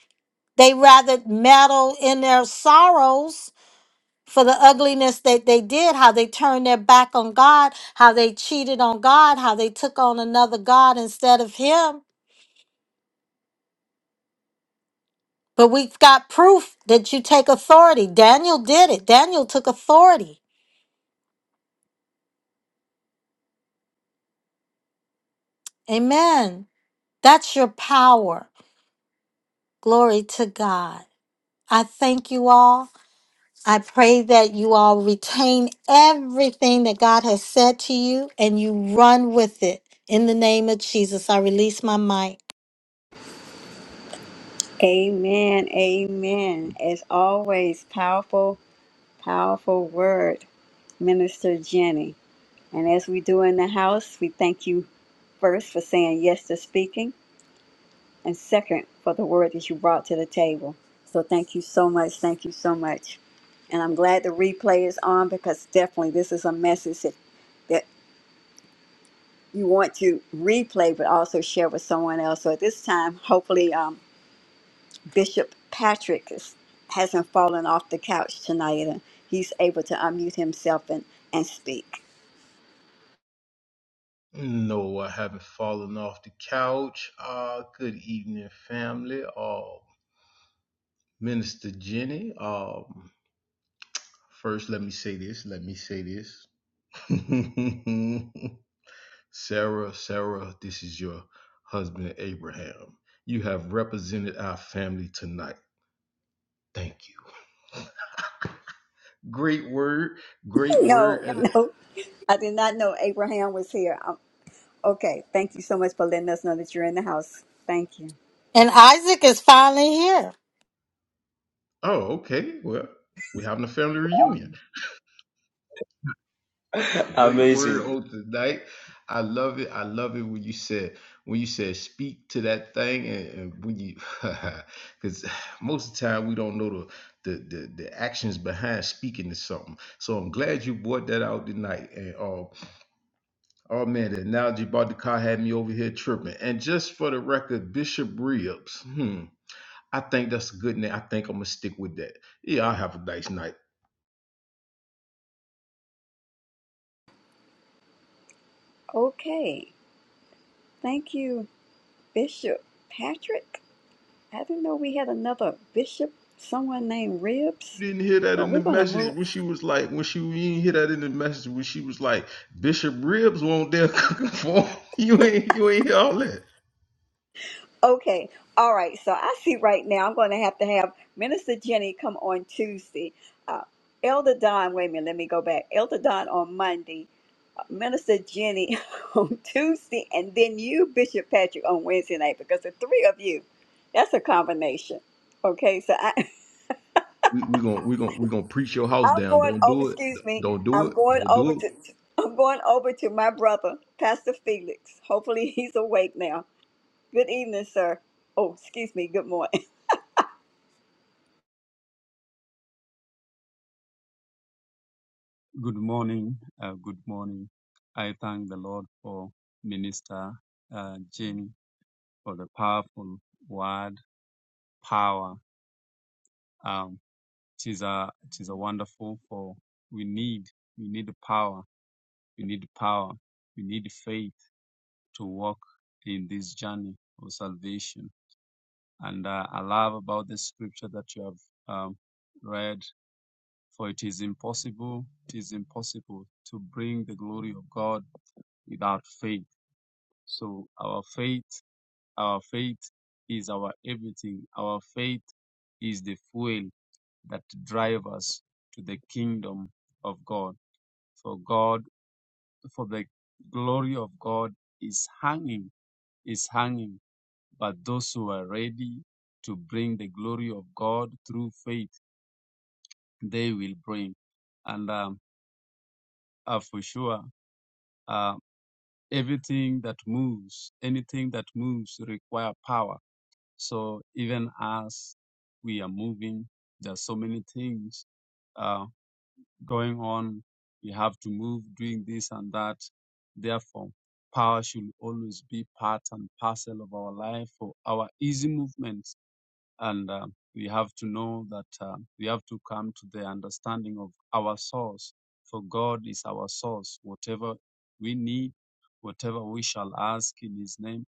They rather meddle in their sorrows for the ugliness that they did, how they turned their back on God, how they cheated on God, how they took on another God instead of Him. But we've got proof that you take authority. Daniel did it, Daniel took authority. Amen. That's your power. Glory to God. I thank you all. I pray that you all retain everything that God has said to you and you run with it. In the name of Jesus, I release my mic. Amen. Amen. As always, powerful Powerful word, Minister Jenny. And as we do in the house, we thank you first for saying yes to speaking, and second for the word that you brought to the table. So thank you so much. Thank you so much. And I'm glad the replay is on because definitely this is a message that, that you want to replay but also share with someone else. So at this time, hopefully, um, Bishop Patrick is, hasn't fallen off the couch tonight and he's able to unmute himself and, and speak. no i haven't fallen off the couch uh good evening family uh minister jenny um first let me say this let me say this Sarah, Sarah, this is your husband, Abraham. You have represented our family tonight. Thank you. Great word. Great word. No, Oh, yeah. At no, I did not know Abraham was here. Um okay, thank you so much for letting us know that you're in the house. Thank you. And Isaac is finally here. oh, okay. Well, we're having a family reunion. Great word Amazing. on tonight. I love it. I love it when you said when you said speak to that thing and, and when you because most of the time we don't know the, the the the actions behind speaking to something. So I'm glad you brought that out tonight. And um Oh man, the analogy about the car had me over here tripping. And just for the record, Bishop Ribs. Hmm. I think that's a good name. I think I'm gonna stick with that. Yeah, I'll have a nice night. Okay, thank you, Bishop Patrick. I didn't know we had another bishop, someone named Ribs, You didn't hear that but in the we're going to message move. when she was like, when she you didn't hear that in the message when she was like, Bishop Ribs won't dare cooking for him." you ain't you ain't hear all that. Okay, all right, so I see right now I'm going to have to have Minister Jenny come on Tuesday. Uh, Elder Don, wait a minute, let me go back. Elder Don on Monday. Minister Jenny on Tuesday, and then you, Bishop Patrick, on Wednesday night because the three of you, that's a combination. Okay, so I, We we gonna we gonna we gonna preach your house I'm down. going Don't over. do it. Excuse me, Don't do I'm it. going Don't over do it. to I'm going over to my brother, Pastor Felix. Hopefully, he's awake now. Good evening, sir. Oh, excuse me. Good morning. Good morning. Uh, good morning. I thank the Lord for Minister uh, Jenny for the powerful word power. Um, it is a it is a wonderful for we need we need power we need power we need faith to walk in this journey of salvation. And uh, I love about the scripture that you have um, read, for it is impossible, it is impossible to bring the glory of God without faith. So our faith, our faith is our everything. Our faith is the fuel that drives us to the kingdom of God. For God, for the glory of God is hanging, is hanging But those who are ready to bring the glory of God through faith, they will bring. And um, uh, for sure, uh, everything that moves, anything that moves require power. So even as we are moving, there are so many things uh, going on. We have to move, doing this and that. Therefore, power should always be part and parcel of our life for our easy movement and uh, we have to know that uh, we have to come to the understanding of our source for god is our source whatever we need whatever we shall ask in his name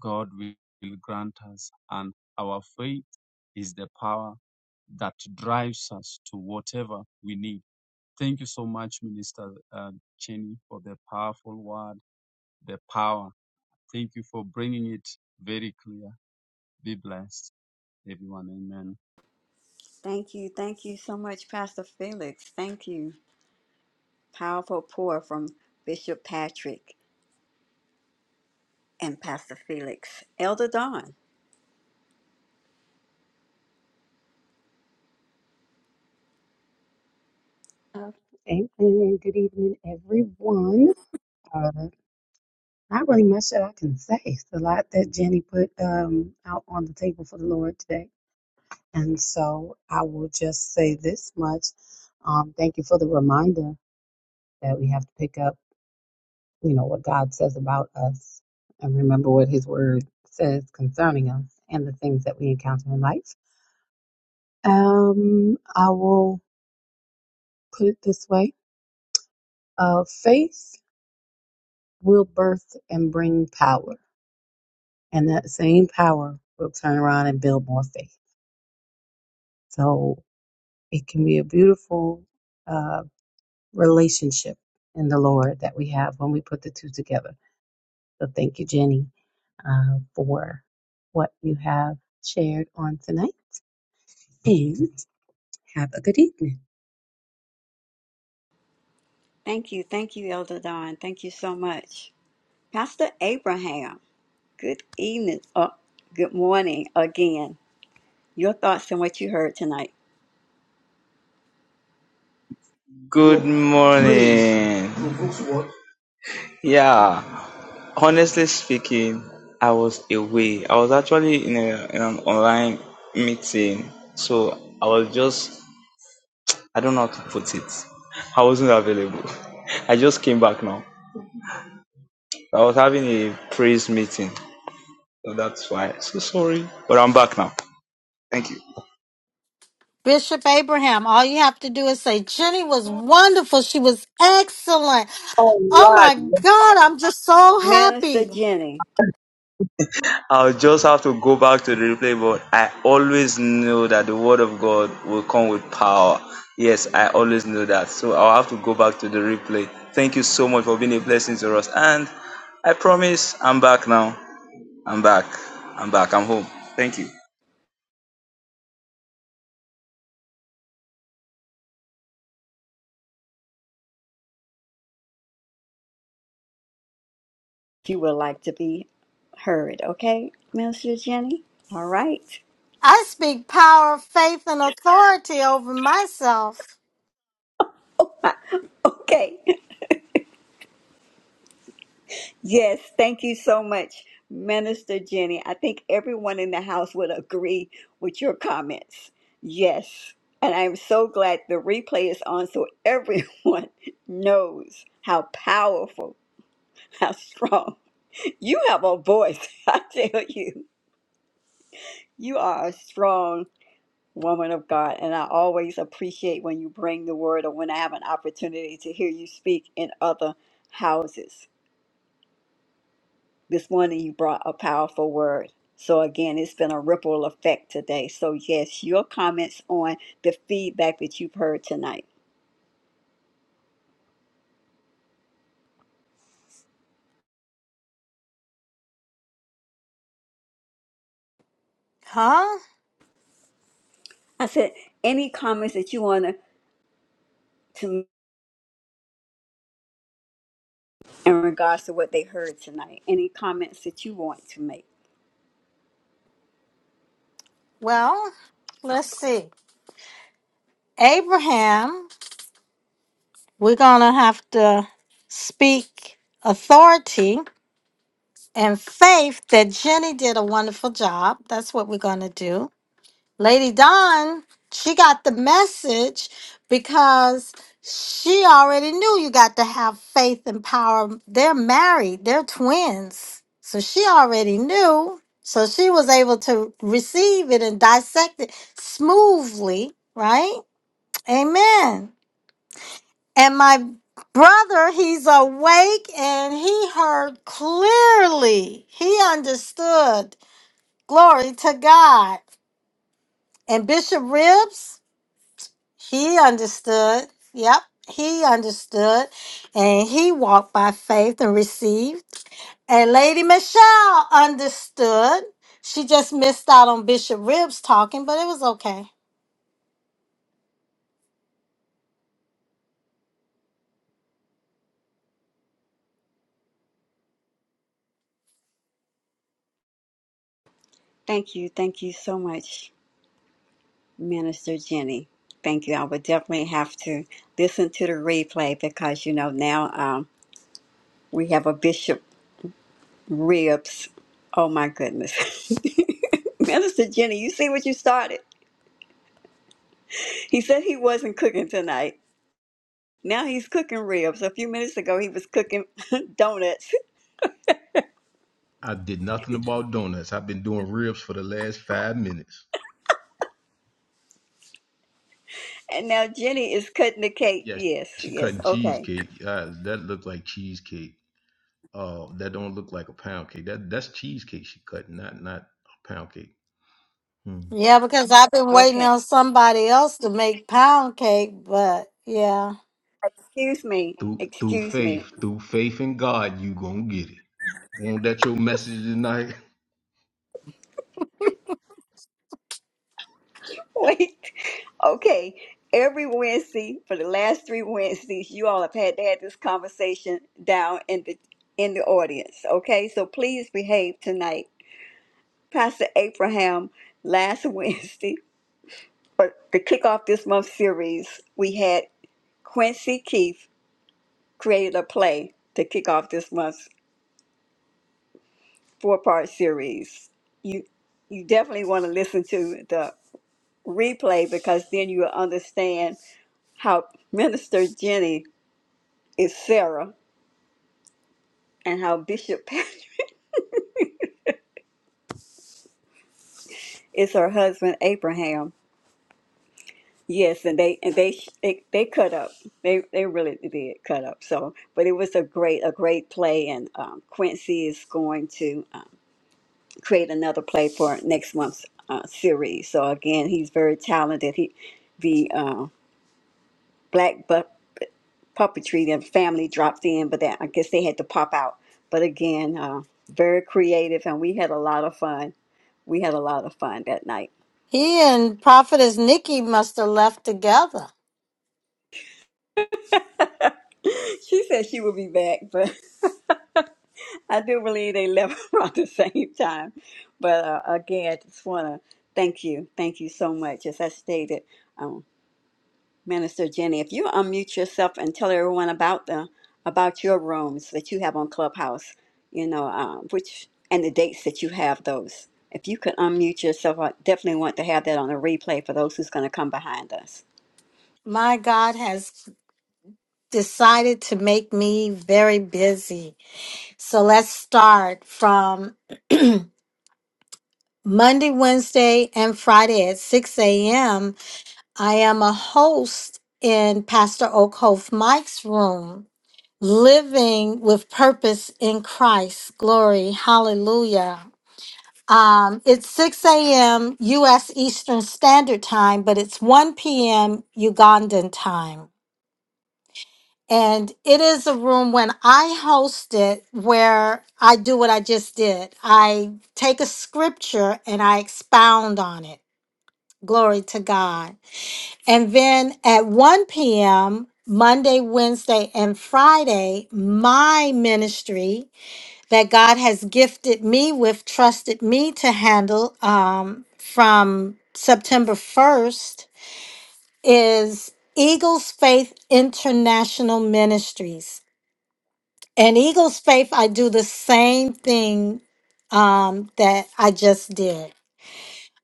god will grant us and our faith is the power that drives us to whatever we need thank you so much minister uh, cheney for the powerful word the power thank you for bringing it very clear be blessed everyone amen Thank you, thank you so much, Pastor Felix. Thank you. Powerful pour from Bishop Patrick and Pastor Felix. Elder Don. Amen and good evening, everyone. Uh, not really much that I can say. It's a lot that Jenny put um, out on the table for the Lord today. And so I will just say this much. Um, thank you for the reminder that we have to pick up, you know, what God says about us and remember what his word says concerning us and the things that we encounter in life. Um, I will put it this way. Uh, faith will birth and bring power. And that same power will turn around and build more faith. So it can be a beautiful uh, relationship in the Lord that we have when we put the two together. So thank you, Jenny, uh, for what you have shared on tonight. And have a good evening. Thank you. Thank you, Elder Don. Thank you so much. Pastor Abraham, good evening. Uh, good morning again. Your thoughts on what you heard tonight. Good morning. Yeah, honestly speaking, I was away. I was actually in, a, in an online meeting, so I was just, I don't know how to put it. I wasn't available. I just came back now. I was having a praise meeting, so that's why. So sorry, but I'm back now. Thank you. Bishop Abraham, all you have to do is say, Jenny was wonderful. She was excellent. All Oh right. my God, I'm just so Minister happy. Jenny, I'll just have to go back to the replay, but I always knew that the word of God will come with power. Yes, I always knew that. So I'll have to go back to the replay. Thank you so much for being a blessing to us. And I promise I'm back now. I'm back. I'm back. I'm home. Thank you. if you would like to be heard, okay? Minister Jenny? All right. I speak power, faith, and authority over myself. okay. Yes, thank you so much, Minister Jenny. I think everyone in the house would agree with your comments. Yes. And I'm so glad the replay is on so everyone knows how powerful, how strong. You have a voice, I tell you. You are a strong woman of God. And I always appreciate when you bring the word or when I have an opportunity to hear you speak in other houses. This morning you brought a powerful word. So again, it's been a ripple effect today. So yes, your comments on the feedback that you've heard tonight. Huh? I said, any comments that you want to to make in regards to what they heard tonight? Any comments that you want to make? Well, let's see. Abraham We're going to have to speak authority and faith that Jenny did a wonderful job. That's what we're going to do. Lady Dawn, she got the message because she already knew you got to have faith and power. They're married, they're twins. So she already knew. So she was able to receive it and dissect it smoothly, right? Amen. And my brother, he's awake and he heard clearly. He understood. Glory to God. And Bishop Ribs, he understood. Yep, he understood. And he walked by faith and received. And Lady Michelle understood. She just missed out on Bishop Ribs talking, but it was okay. Thank you. Thank you so much, Minister Jenny. Thank you. I would definitely have to listen to the replay because, you know, now um, we have a bishop ribs. Oh my goodness. Minister Jenny, you see what you started? He said he wasn't cooking tonight. Now he's cooking ribs. A few minutes ago, he was cooking donuts. I did nothing about donuts. I've been doing ribs for the last five minutes. And now Jenny is cutting the cake. Yeah, Yes, she yes. cutting Okay. cheesecake. Uh, that looked like cheesecake. Uh, that don't look like a pound cake. That that's cheesecake she cutting, not not a pound cake. Hmm. Yeah, because I've been waiting Okay. on somebody else to make pound cake, but yeah. Excuse me. Through through Excuse me. faith, through faith in God, you gonna get it. Won't that your message tonight? Wait. Okay. Every Wednesday, for the last three Wednesdays, you all have had to have this conversation down in the in the audience. Okay. So please behave tonight. Pastor Abraham last Wednesday, but to kick off this month's series, we had Quincy Keith created a play to kick off this month's four-part series. You you definitely want to listen to the replay because then you will understand how Minister Jenny is Sarah and how Bishop Patrick is her husband Abraham. Yes, and they and they they, they cut up. They they really did cut up. So, but it was a great a great play, and um, Quincy is going to um, create another play for next month's uh, series. So again, he's very talented. He the uh, black bu- puppetry and family dropped in, but that I guess they had to pop out. But again, uh, very creative, and we had a lot of fun. We had a lot of fun that night. He and Prophetess Nikki must have left together. She said she would be back, but I do believe they left around the same time. But uh, again, I just want to thank you. Thank you so much. As I stated, um, Minister Jenny, if you unmute yourself and tell everyone about the about your rooms that you have on Clubhouse, you know, um, which and the dates that you have those. If you could unmute yourself, I definitely want to have that on a replay for those who's going to come behind us. My God has decided to make me very busy. So let's start from Monday, Wednesday, and Friday at 6 a.m. I am a host in Pastor Oakhoff Mike's room, Living with Purpose in Christ. Glory. Hallelujah. Um, it's 6 a.m. U.S. Eastern Standard Time, but it's 1 p.m. Ugandan time. And it is a room when I host it where I do what I just did. I take a scripture and I expound on it. Glory to God. And then at 1 p.m., Monday, Wednesday, and Friday, my ministry that God has gifted me with, trusted me to handle um, from September 1st is Eagles Faith International Ministries. And Eagles Faith, I do the same thing um, that I just did.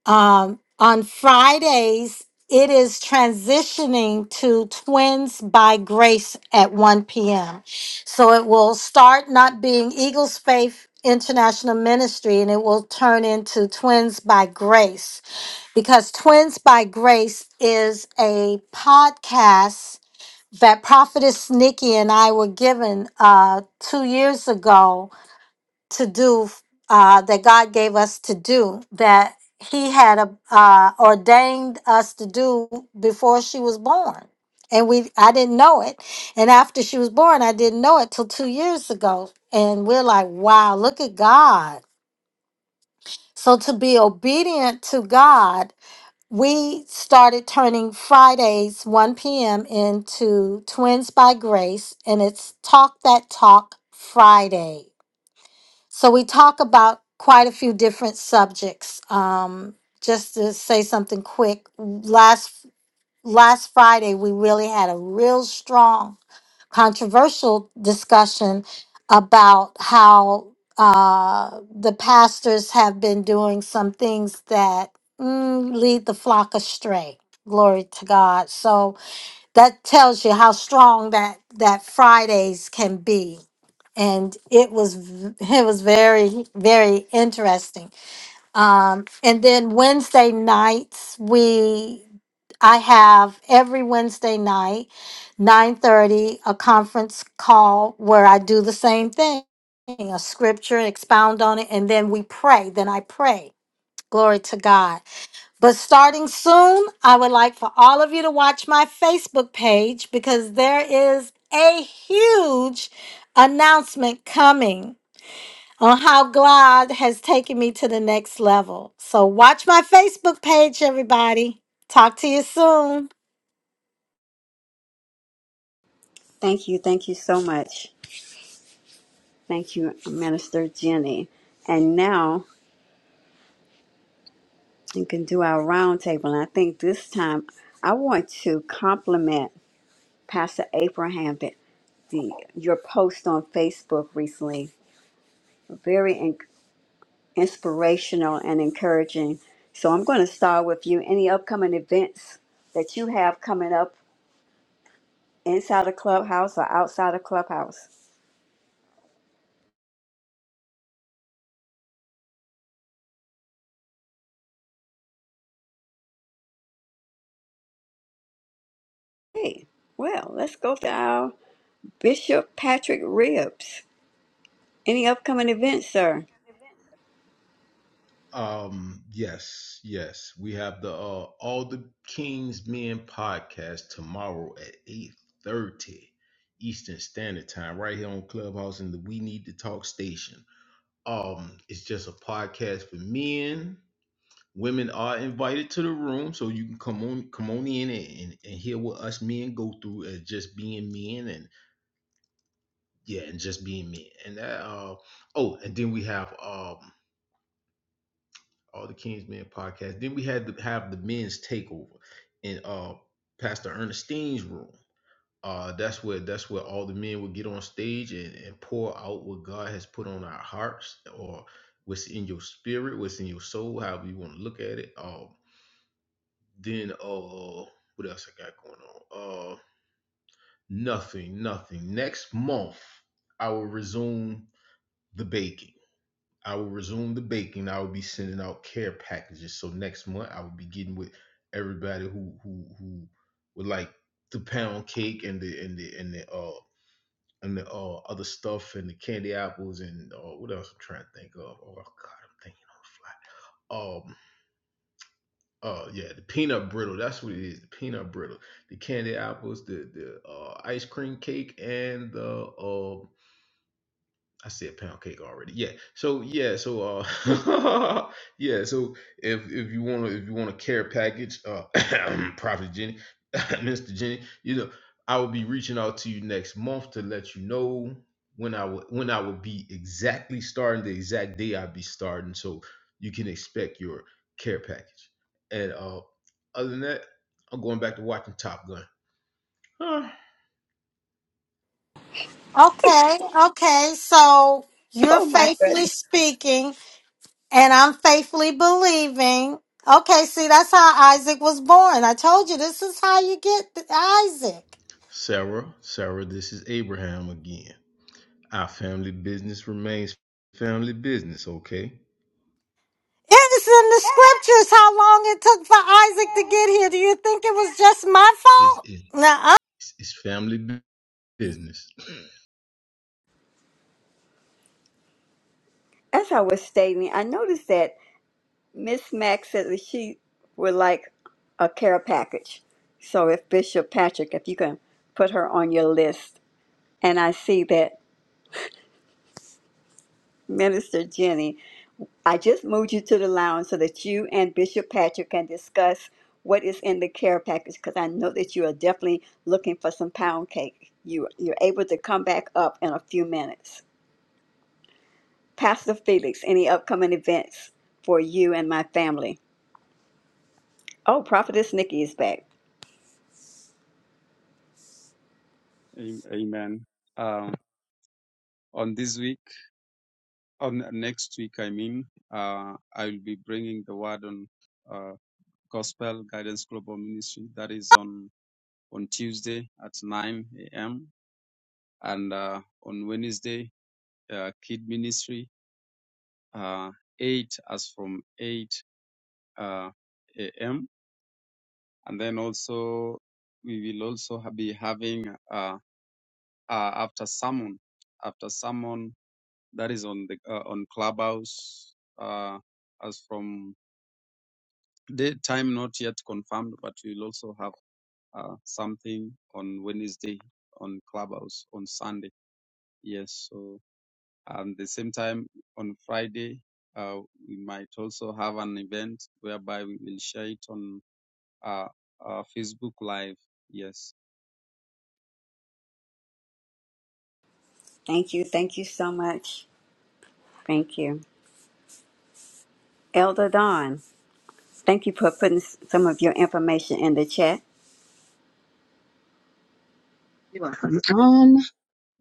Um, on Fridays, it is transitioning to Twins by Grace at 1 p.m. So it will start not being Eagles Faith International Ministry and it will turn into Twins by Grace because Twins by Grace is a podcast that Prophetess Nikki and I were given uh, two years ago to do uh, that God gave us to do that He had uh, ordained us to do before she was born, and we I didn't know it, and after she was born, I didn't know it till two years ago, and we're like, wow, look at God. So to be obedient to God. We started turning Fridays 1 p.m. into Twins by Grace, and it's Talk That Talk Fridays. So we talk about quite a few different subjects. Um, just to say something quick, last last Friday we really had a real strong controversial discussion about how uh, the pastors have been doing some things that mm, lead the flock astray. Glory to God. So that tells you how strong that that Fridays can be. And it was v- it was very very interesting. Um, and then Wednesday nights we I have every Wednesday night, nine thirty, a conference call where I do the same thing, a scripture, expound on it, and then we pray. Then I pray. Glory to God. But starting soon, I would like for all of you to watch my Facebook page because there is a huge announcement coming on how God has taken me to the next level. So watch my Facebook page, everybody. Talk to you soon. Thank you. Thank you so much. Thank you, Minister Jenny. And now. we can do our roundtable. And I think this time I want to compliment Pastor Abraham that the your post on Facebook recently very in, inspirational and encouraging. So I'm going to start with you. Any upcoming events that you have coming up inside of clubhouse or outside of clubhouse? Hey, well, let's go to our Bishop Patrick Ribs. Any upcoming events, sir? Um, yes, yes. We have the uh All the Kings Men podcast tomorrow at eight thirty Eastern Standard Time, right here on Clubhouse in the We Need to Talk station. Um, it's just a podcast for men Women are invited to the room, so you can come on, come on in and, and, and hear what us men go through as just being men, and yeah, and just being men. And that, uh, oh, and then we have um, all the Kings Men podcast. Then we had to have the men's takeover in uh, Pastor Ernestine's room. Uh, that's where that's where all the men would get on stage and, and pour out what God has put on our hearts or what's in your spirit, what's in your soul, however you want to look at it. Um, Then uh what else I got going on? Uh nothing, nothing. Next month I will resume the baking. I will resume the baking. I will be sending out care packages. So next month I will be getting with everybody who who who would like the pound cake and the and the and the uh and the uh, other stuff and the candy apples and uh, what else I'm trying to think of. Oh God, I'm thinking on the fly Um Oh yeah, the peanut brittle. That's what it is. The peanut brittle, the candy apples, the the uh, ice cream cake, and the uh, I said pound cake already. Yeah. So yeah. So uh, yeah. So if if you want to if you want a care package, uh, Prophet Jenny, Mister Jenny, you know, I will be reaching out to you next month to let you know when I will when I will be exactly starting the exact day I'll be starting, so you can expect your care package. And uh, other than that, I'm going back to watching Top Gun. Okay, okay. So you're Oh my faithfully goodness. speaking, and I'm faithfully believing. Okay, see, that's how Isaac was born. I told you this is how you get Isaac. Sarah, Sarah, this is Abraham again. Our family business remains family business, okay? It's in the scriptures how long it took for Isaac to get here. Do you think it was just my It's, fault? it's, Nuh-uh. it's family business. As I was stating, I noticed that Miss Mack said that she would like a care package. So if Bishop Patrick, if you can put her on your list. And I see that Minister Jenny, I just moved you to the lounge so that you and Bishop Patrick can discuss what is in the care package because I know that you are definitely looking for some pound cake. You you're able to come back up in a few minutes. Pastor Felix, any upcoming events for you and my family? Oh, Prophetess Nikki is back. Amen. Um, on this week, on next week, I mean, uh, I will be bringing the word on uh, Gospel Guidance Global Ministry. That is on on Tuesday at 9 a.m. and uh, on Wednesday, uh, Kid Ministry, uh, eight as from 8 uh, a.m. And then also we will also ha- be having uh, uh, after sermon, after sermon. that is on the uh, on Clubhouse. Uh, as from the time not yet confirmed, but we'll also have uh, something on Wednesday on Clubhouse on Sunday. Yes, so and the same time on Friday. Uh, we might also have an event whereby we will share it on uh, uh, Facebook Live. Yes. Thank you. Thank you so much. Thank you. Elder Don, thank you for putting s- some of your information in the chat. You're welcome. Um,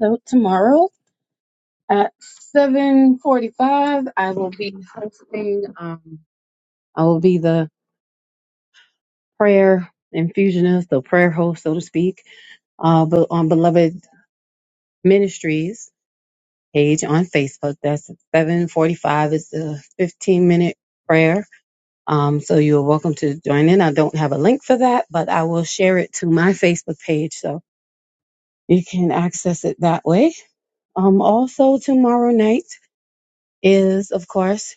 so tomorrow at 7.45, I will be hosting, um, I will be the prayer infusionist, the prayer host, so to speak uh, but on Beloved Ministries page on Facebook. That's 745 It's a 15 minute prayer. Um, so you're welcome to join in. I don't have a link for that, but I will share it to my Facebook page so you can access it that way. Um, also tomorrow night is, of course,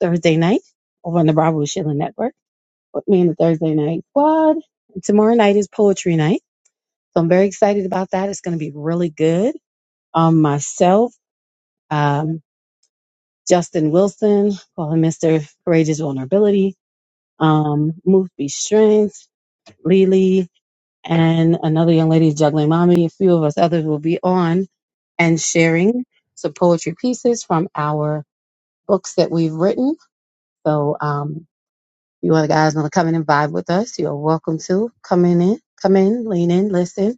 Thursday night over on the Bravo Sheila Network with me and the Thursday night squad. And tomorrow night is poetry night. So I'm very excited about that. It's going to be really good. Um, myself. Um, Justin Wilson, call him Mr. Courageous Vulnerability. Um, Move Be Strength, Lily, and another young lady, Juggling Mommy. A few of us others will be on and sharing some poetry pieces from our books that we've written. So, um, if you other guys want to come in and vibe with us, you're welcome to come in, in come in, lean in, listen,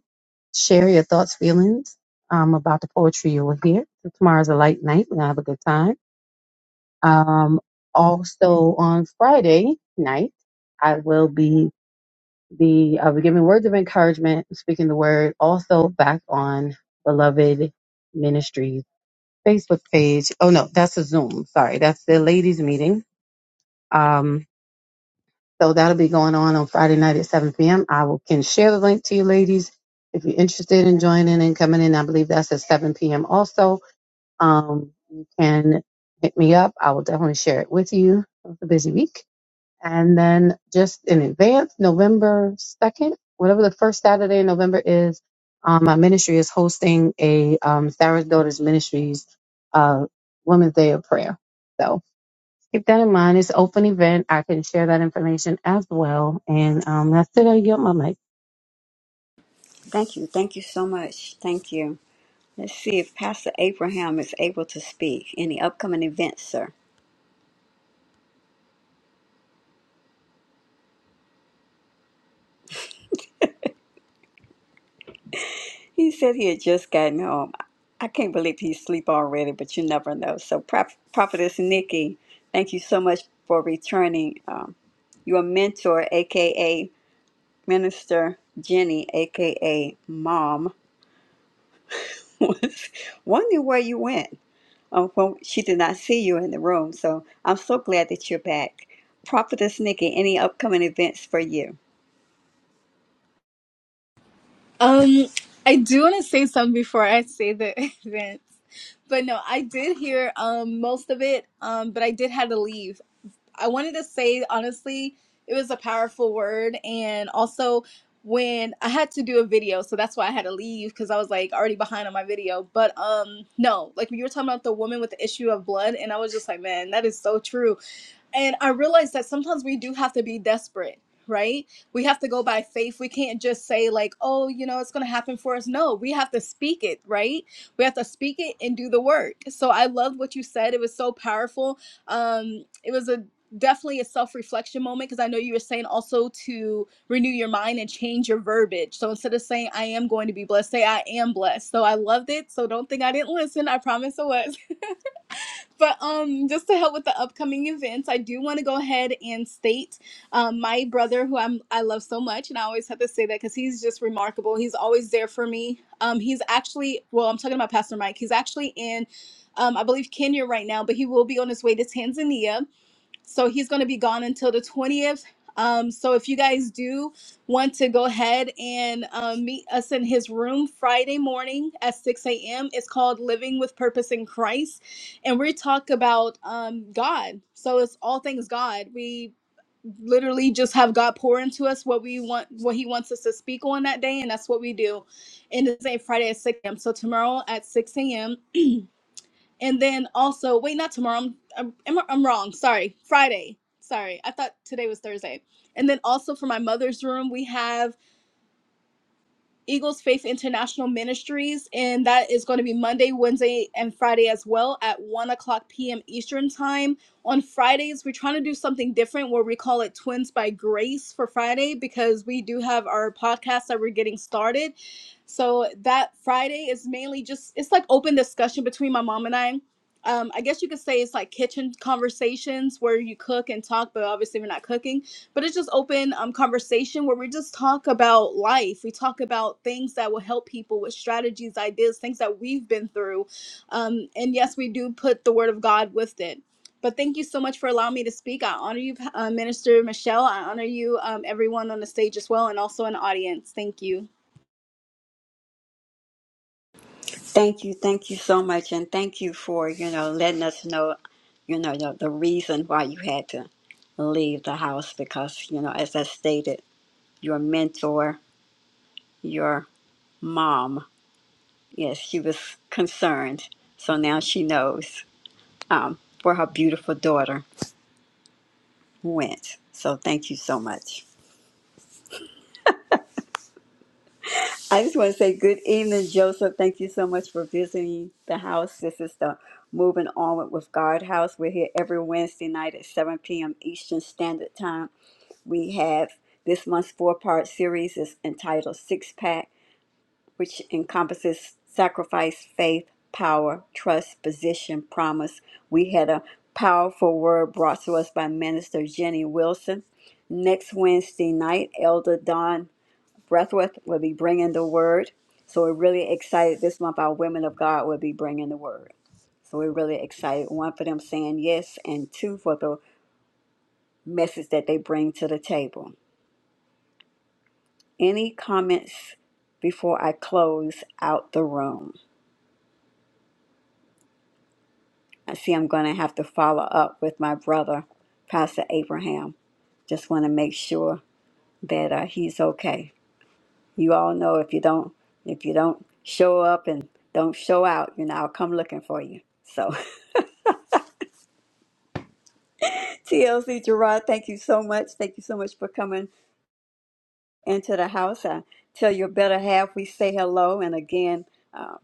share your thoughts, feelings um, about the poetry you will hear. So tomorrow's a light night. We're going to have a good time Um, also on Friday night, I will be the I'll be giving words of encouragement, speaking the word. Also back on Beloved Ministries Facebook page. Oh no, that's a Zoom. Sorry, that's the ladies' meeting. Um, so that'll be going on on Friday night at 7 p.m. I will can share the link to you ladies if you're interested in joining and coming in. I believe that's at 7 p.m. Also, um, you can hit me up. I will definitely share it with you. It was a busy week And then just in advance, November 2nd, whatever the first Saturday in November is, um, my ministry is hosting a um, Sarah's Daughters Ministries uh, Women's Day of Prayer. So keep that in mind. It's an open event. I can share that information as well. And um, that's it. I get my mic. Thank you. Thank you so much. Thank you. Let's see if Pastor Abraham is able to speak. Any upcoming events, sir? He said he had just gotten home. I can't believe he's asleep already, but you never know. So, Prop- Prophetess Nikki, thank you so much for returning. Um, your mentor, aka Minister Jenny, aka Mom, was wondering where you went. Um, well, she did not see you in the room, so I'm so glad that you're back. Prophetess Nikki, any upcoming events for you? Um, I do want to say something before I say the events, but no, I did hear um most of it. Um, but I did have to leave. I wanted to say honestly, it was a powerful word, and also when I had to do a video, so that's why I had to leave because I was like already behind on my video. But um, no, like when you were talking about the woman with the issue of blood, and I was just like, man, that is so true and I realized that sometimes we do have to be desperate, right? We have to go by faith. We can't just say, like, oh, you know, it's going to happen for us. No, we have to speak it, right? We have to speak it and do the work. So I loved what you said. It was so powerful. Um, it was a definitely a self-reflection moment because i know you were saying also to renew your mind and change your verbiage so instead of saying i am going to be blessed say i am blessed so i loved it so don't think i didn't listen i promise i was but um, just to help with the upcoming events, I do want to go ahead and state um, my brother, who I'm I love so much, and I always have to say that because he's just remarkable. He's always there for me. Um, he's actually well, I'm talking about Pastor Mike. He's actually in, um, I believe Kenya right now, but he will be on his way to Tanzania so he's going to be gone until the 20th. Um, so if you guys do want to go ahead and um, meet us in his room Friday morning at 6 a.m., it's called Living with Purpose in Christ. And we talk about um, God. So it's all things God. We literally just have God pour into us what we want, what He wants us to speak on that day, and that's what we do. And it's a Friday at 6 a.m. So tomorrow at 6 a.m. And then also, wait, not tomorrow. I'm, I'm, am I- am am i am wrong. Sorry. Friday. Sorry. I thought today was Thursday. And then also for my mother's room, we have Eagles Faith International Ministries, and that is going to be Monday, Wednesday, and Friday as well at 1 o'clock p.m. Eastern Time. On Fridays, we're trying to do something different where we call it Twins by Grace for Friday because we do have our podcast that we're getting started. So that Friday is mainly just, it's like open discussion between my mom and I. Um, I guess you could say it's like kitchen conversations where you cook and talk, but obviously we're not cooking but it's just open um, conversation where we just talk about life. We talk about things that will help people with strategies, ideas, things that we've been through. Um, and yes, we do put the word of God with it. But thank you so much for allowing me to speak. I honor you, uh, Minister Michelle. I honor you, um, everyone on the stage as well, and also in the audience. Thank you. Thank you, thank you so much, and thank you for you know letting us know, you know the, the reason why you had to leave the house because you know as I stated, your mentor, your mom, yes, she was concerned, so now she knows um, where her beautiful daughter went. So thank you so much. I just want to say good evening, Joseph. Thank you so much for visiting the house. This is the Moving Onward with God house. We're here every Wednesday night at 7 p.m. Eastern Standard Time. We have this month's four part series is entitled Six Pack, which encompasses sacrifice, faith, power, trust, position, promise. We had a powerful word brought to us by Minister Jenny Wilson. Next Wednesday night, Elder Don Breathworth will be bringing the word. So we're really excited this month. Our women of God will be bringing the word. So we're really excited. One for them saying yes, and two for the message that they bring to the table. Any comments before I close out the room? I see I'm going to have to follow up with my brother, Pastor Abraham. Just want to make sure that uh, he's okay. You all know if you don't if you don't show up and don't show out, you know, I'll come looking for you. So. TLC Gerard, thank you so much. Thank you so much for coming into the house. I tell your better half we say hello. And again, uh,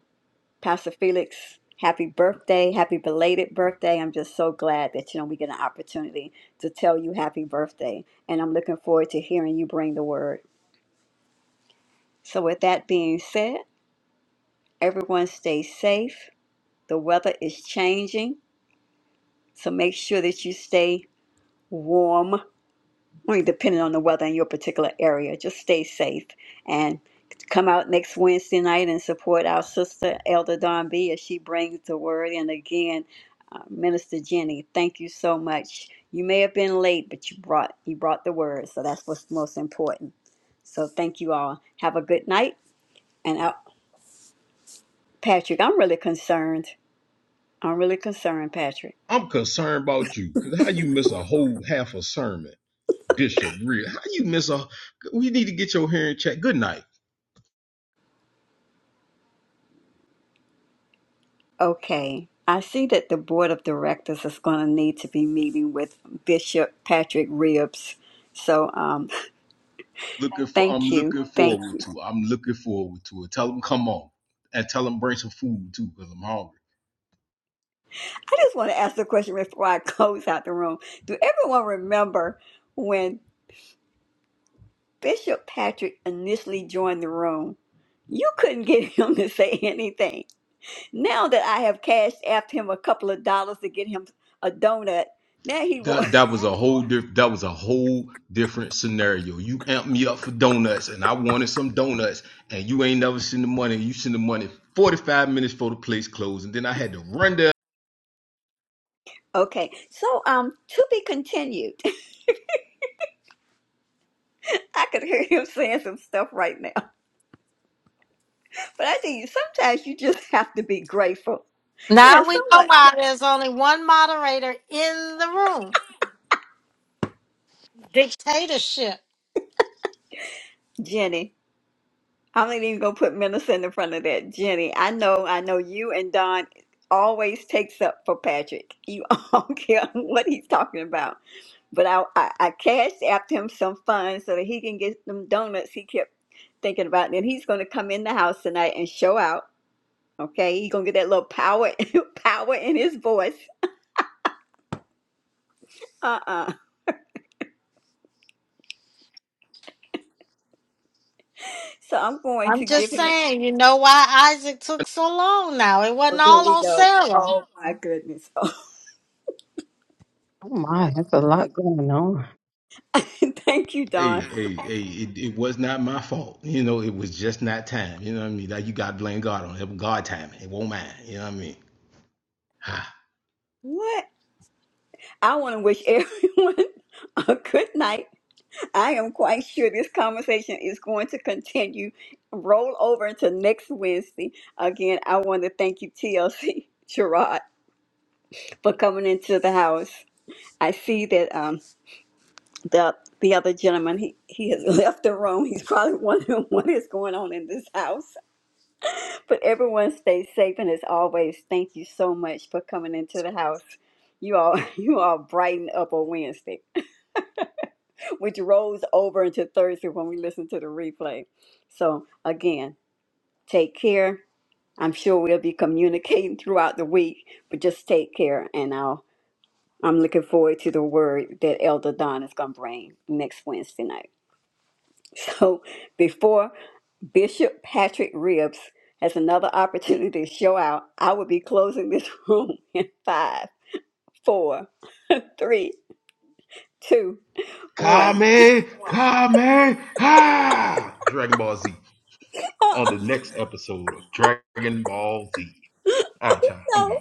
Pastor Felix, happy birthday, happy belated birthday. I'm just so glad that you know we get an opportunity to tell you happy birthday, and I'm looking forward to hearing you bring the word. So, with that being said, everyone stay safe. The weather is changing, so make sure that you stay warm only depending on the weather in your particular area. Just stay safe and come out next Wednesday night and support our sister, Elder Don B, as she brings the word. And again, uh, Minister Jenny, thank you so much. You may have been late, but you brought you brought the word, so that's what's most important. So thank you all. Have a good night. And uh, Patrick, I'm really concerned. I'm really concerned, Patrick. I'm concerned about you because how you miss a whole half a sermon, Bishop Real? How you miss a? We need to get your hearing checked. Good night. Okay. I see that the board of directors is going to need to be meeting with Bishop Patrick Ribs. So um, Looking for. I'm thank you. looking Thank forward you. to. it. I'm looking forward to it. Tell them come on, and tell them bring some food too because I'm hungry. I just want to ask the question before I close out the room. Do everyone remember when Bishop Patrick initially joined the room? You couldn't get him to say anything. Now that I have cashed after him a couple of dollars to get him a donut, now he That wants. that was a whole diff- that was a whole different scenario. You amped me up for donuts, and I wanted some donuts, and you ain't never seen the money. You sent the money forty five minutes before the place closed, and then I had to run there. Okay. So um, to be continued. I could hear him saying some stuff right now. But I tell you, sometimes you just have to be grateful. You know, Now we know someone, why there's only one moderator in the room. Dictatorship. Jenny, I'm not even going to put Millicent in front of that. Jenny, I know, I know you and Don always takes up for Patrick. You don't care what he's talking about. But I, I, I cashed after him some funds so that he can get them donuts he kept thinking about. And he's going to come in the house tonight and show out. Okay, he's gonna get that little power, power in his voice. Uh. Uh. So I'm going I'm to give just him. A, saying, you know why Isaac took so long now. It oh, wasn't here all we on go. Sarah. Oh my goodness. Oh my, that's a lot going on. thank you, Don. Hey, hey, hey! It, it was not my fault. You know, it was just not time. You know what I mean? like you got to blame God on it. It was God timing. It won't mine. You know what I mean? Ha. What? I want to wish everyone a good night. I am quite sure this conversation is going to continue, roll over into next Wednesday. Again, I want to thank you, TLC Gerard, for coming into the house. I see that um the the other gentleman he, he has left the room. He's probably wondering what is going on in this house. But everyone stay safe and as always, thank you so much for coming into the house. You all you all brighten up on Wednesday, which rolls over into Thursday when we listen to the replay. So again, take care. I'm sure we'll be communicating throughout the week, but just take care and I'll I'm looking forward to the word that Elder Don is gonna bring next Wednesday night. So before Bishop Patrick Ribs has another opportunity to show out. I will be closing this room in five, four, three, two, one. Kame, Kame, ha! Dragon Ball Z on the next episode of Dragon Ball Z. All right, y'all. I'm gone. No.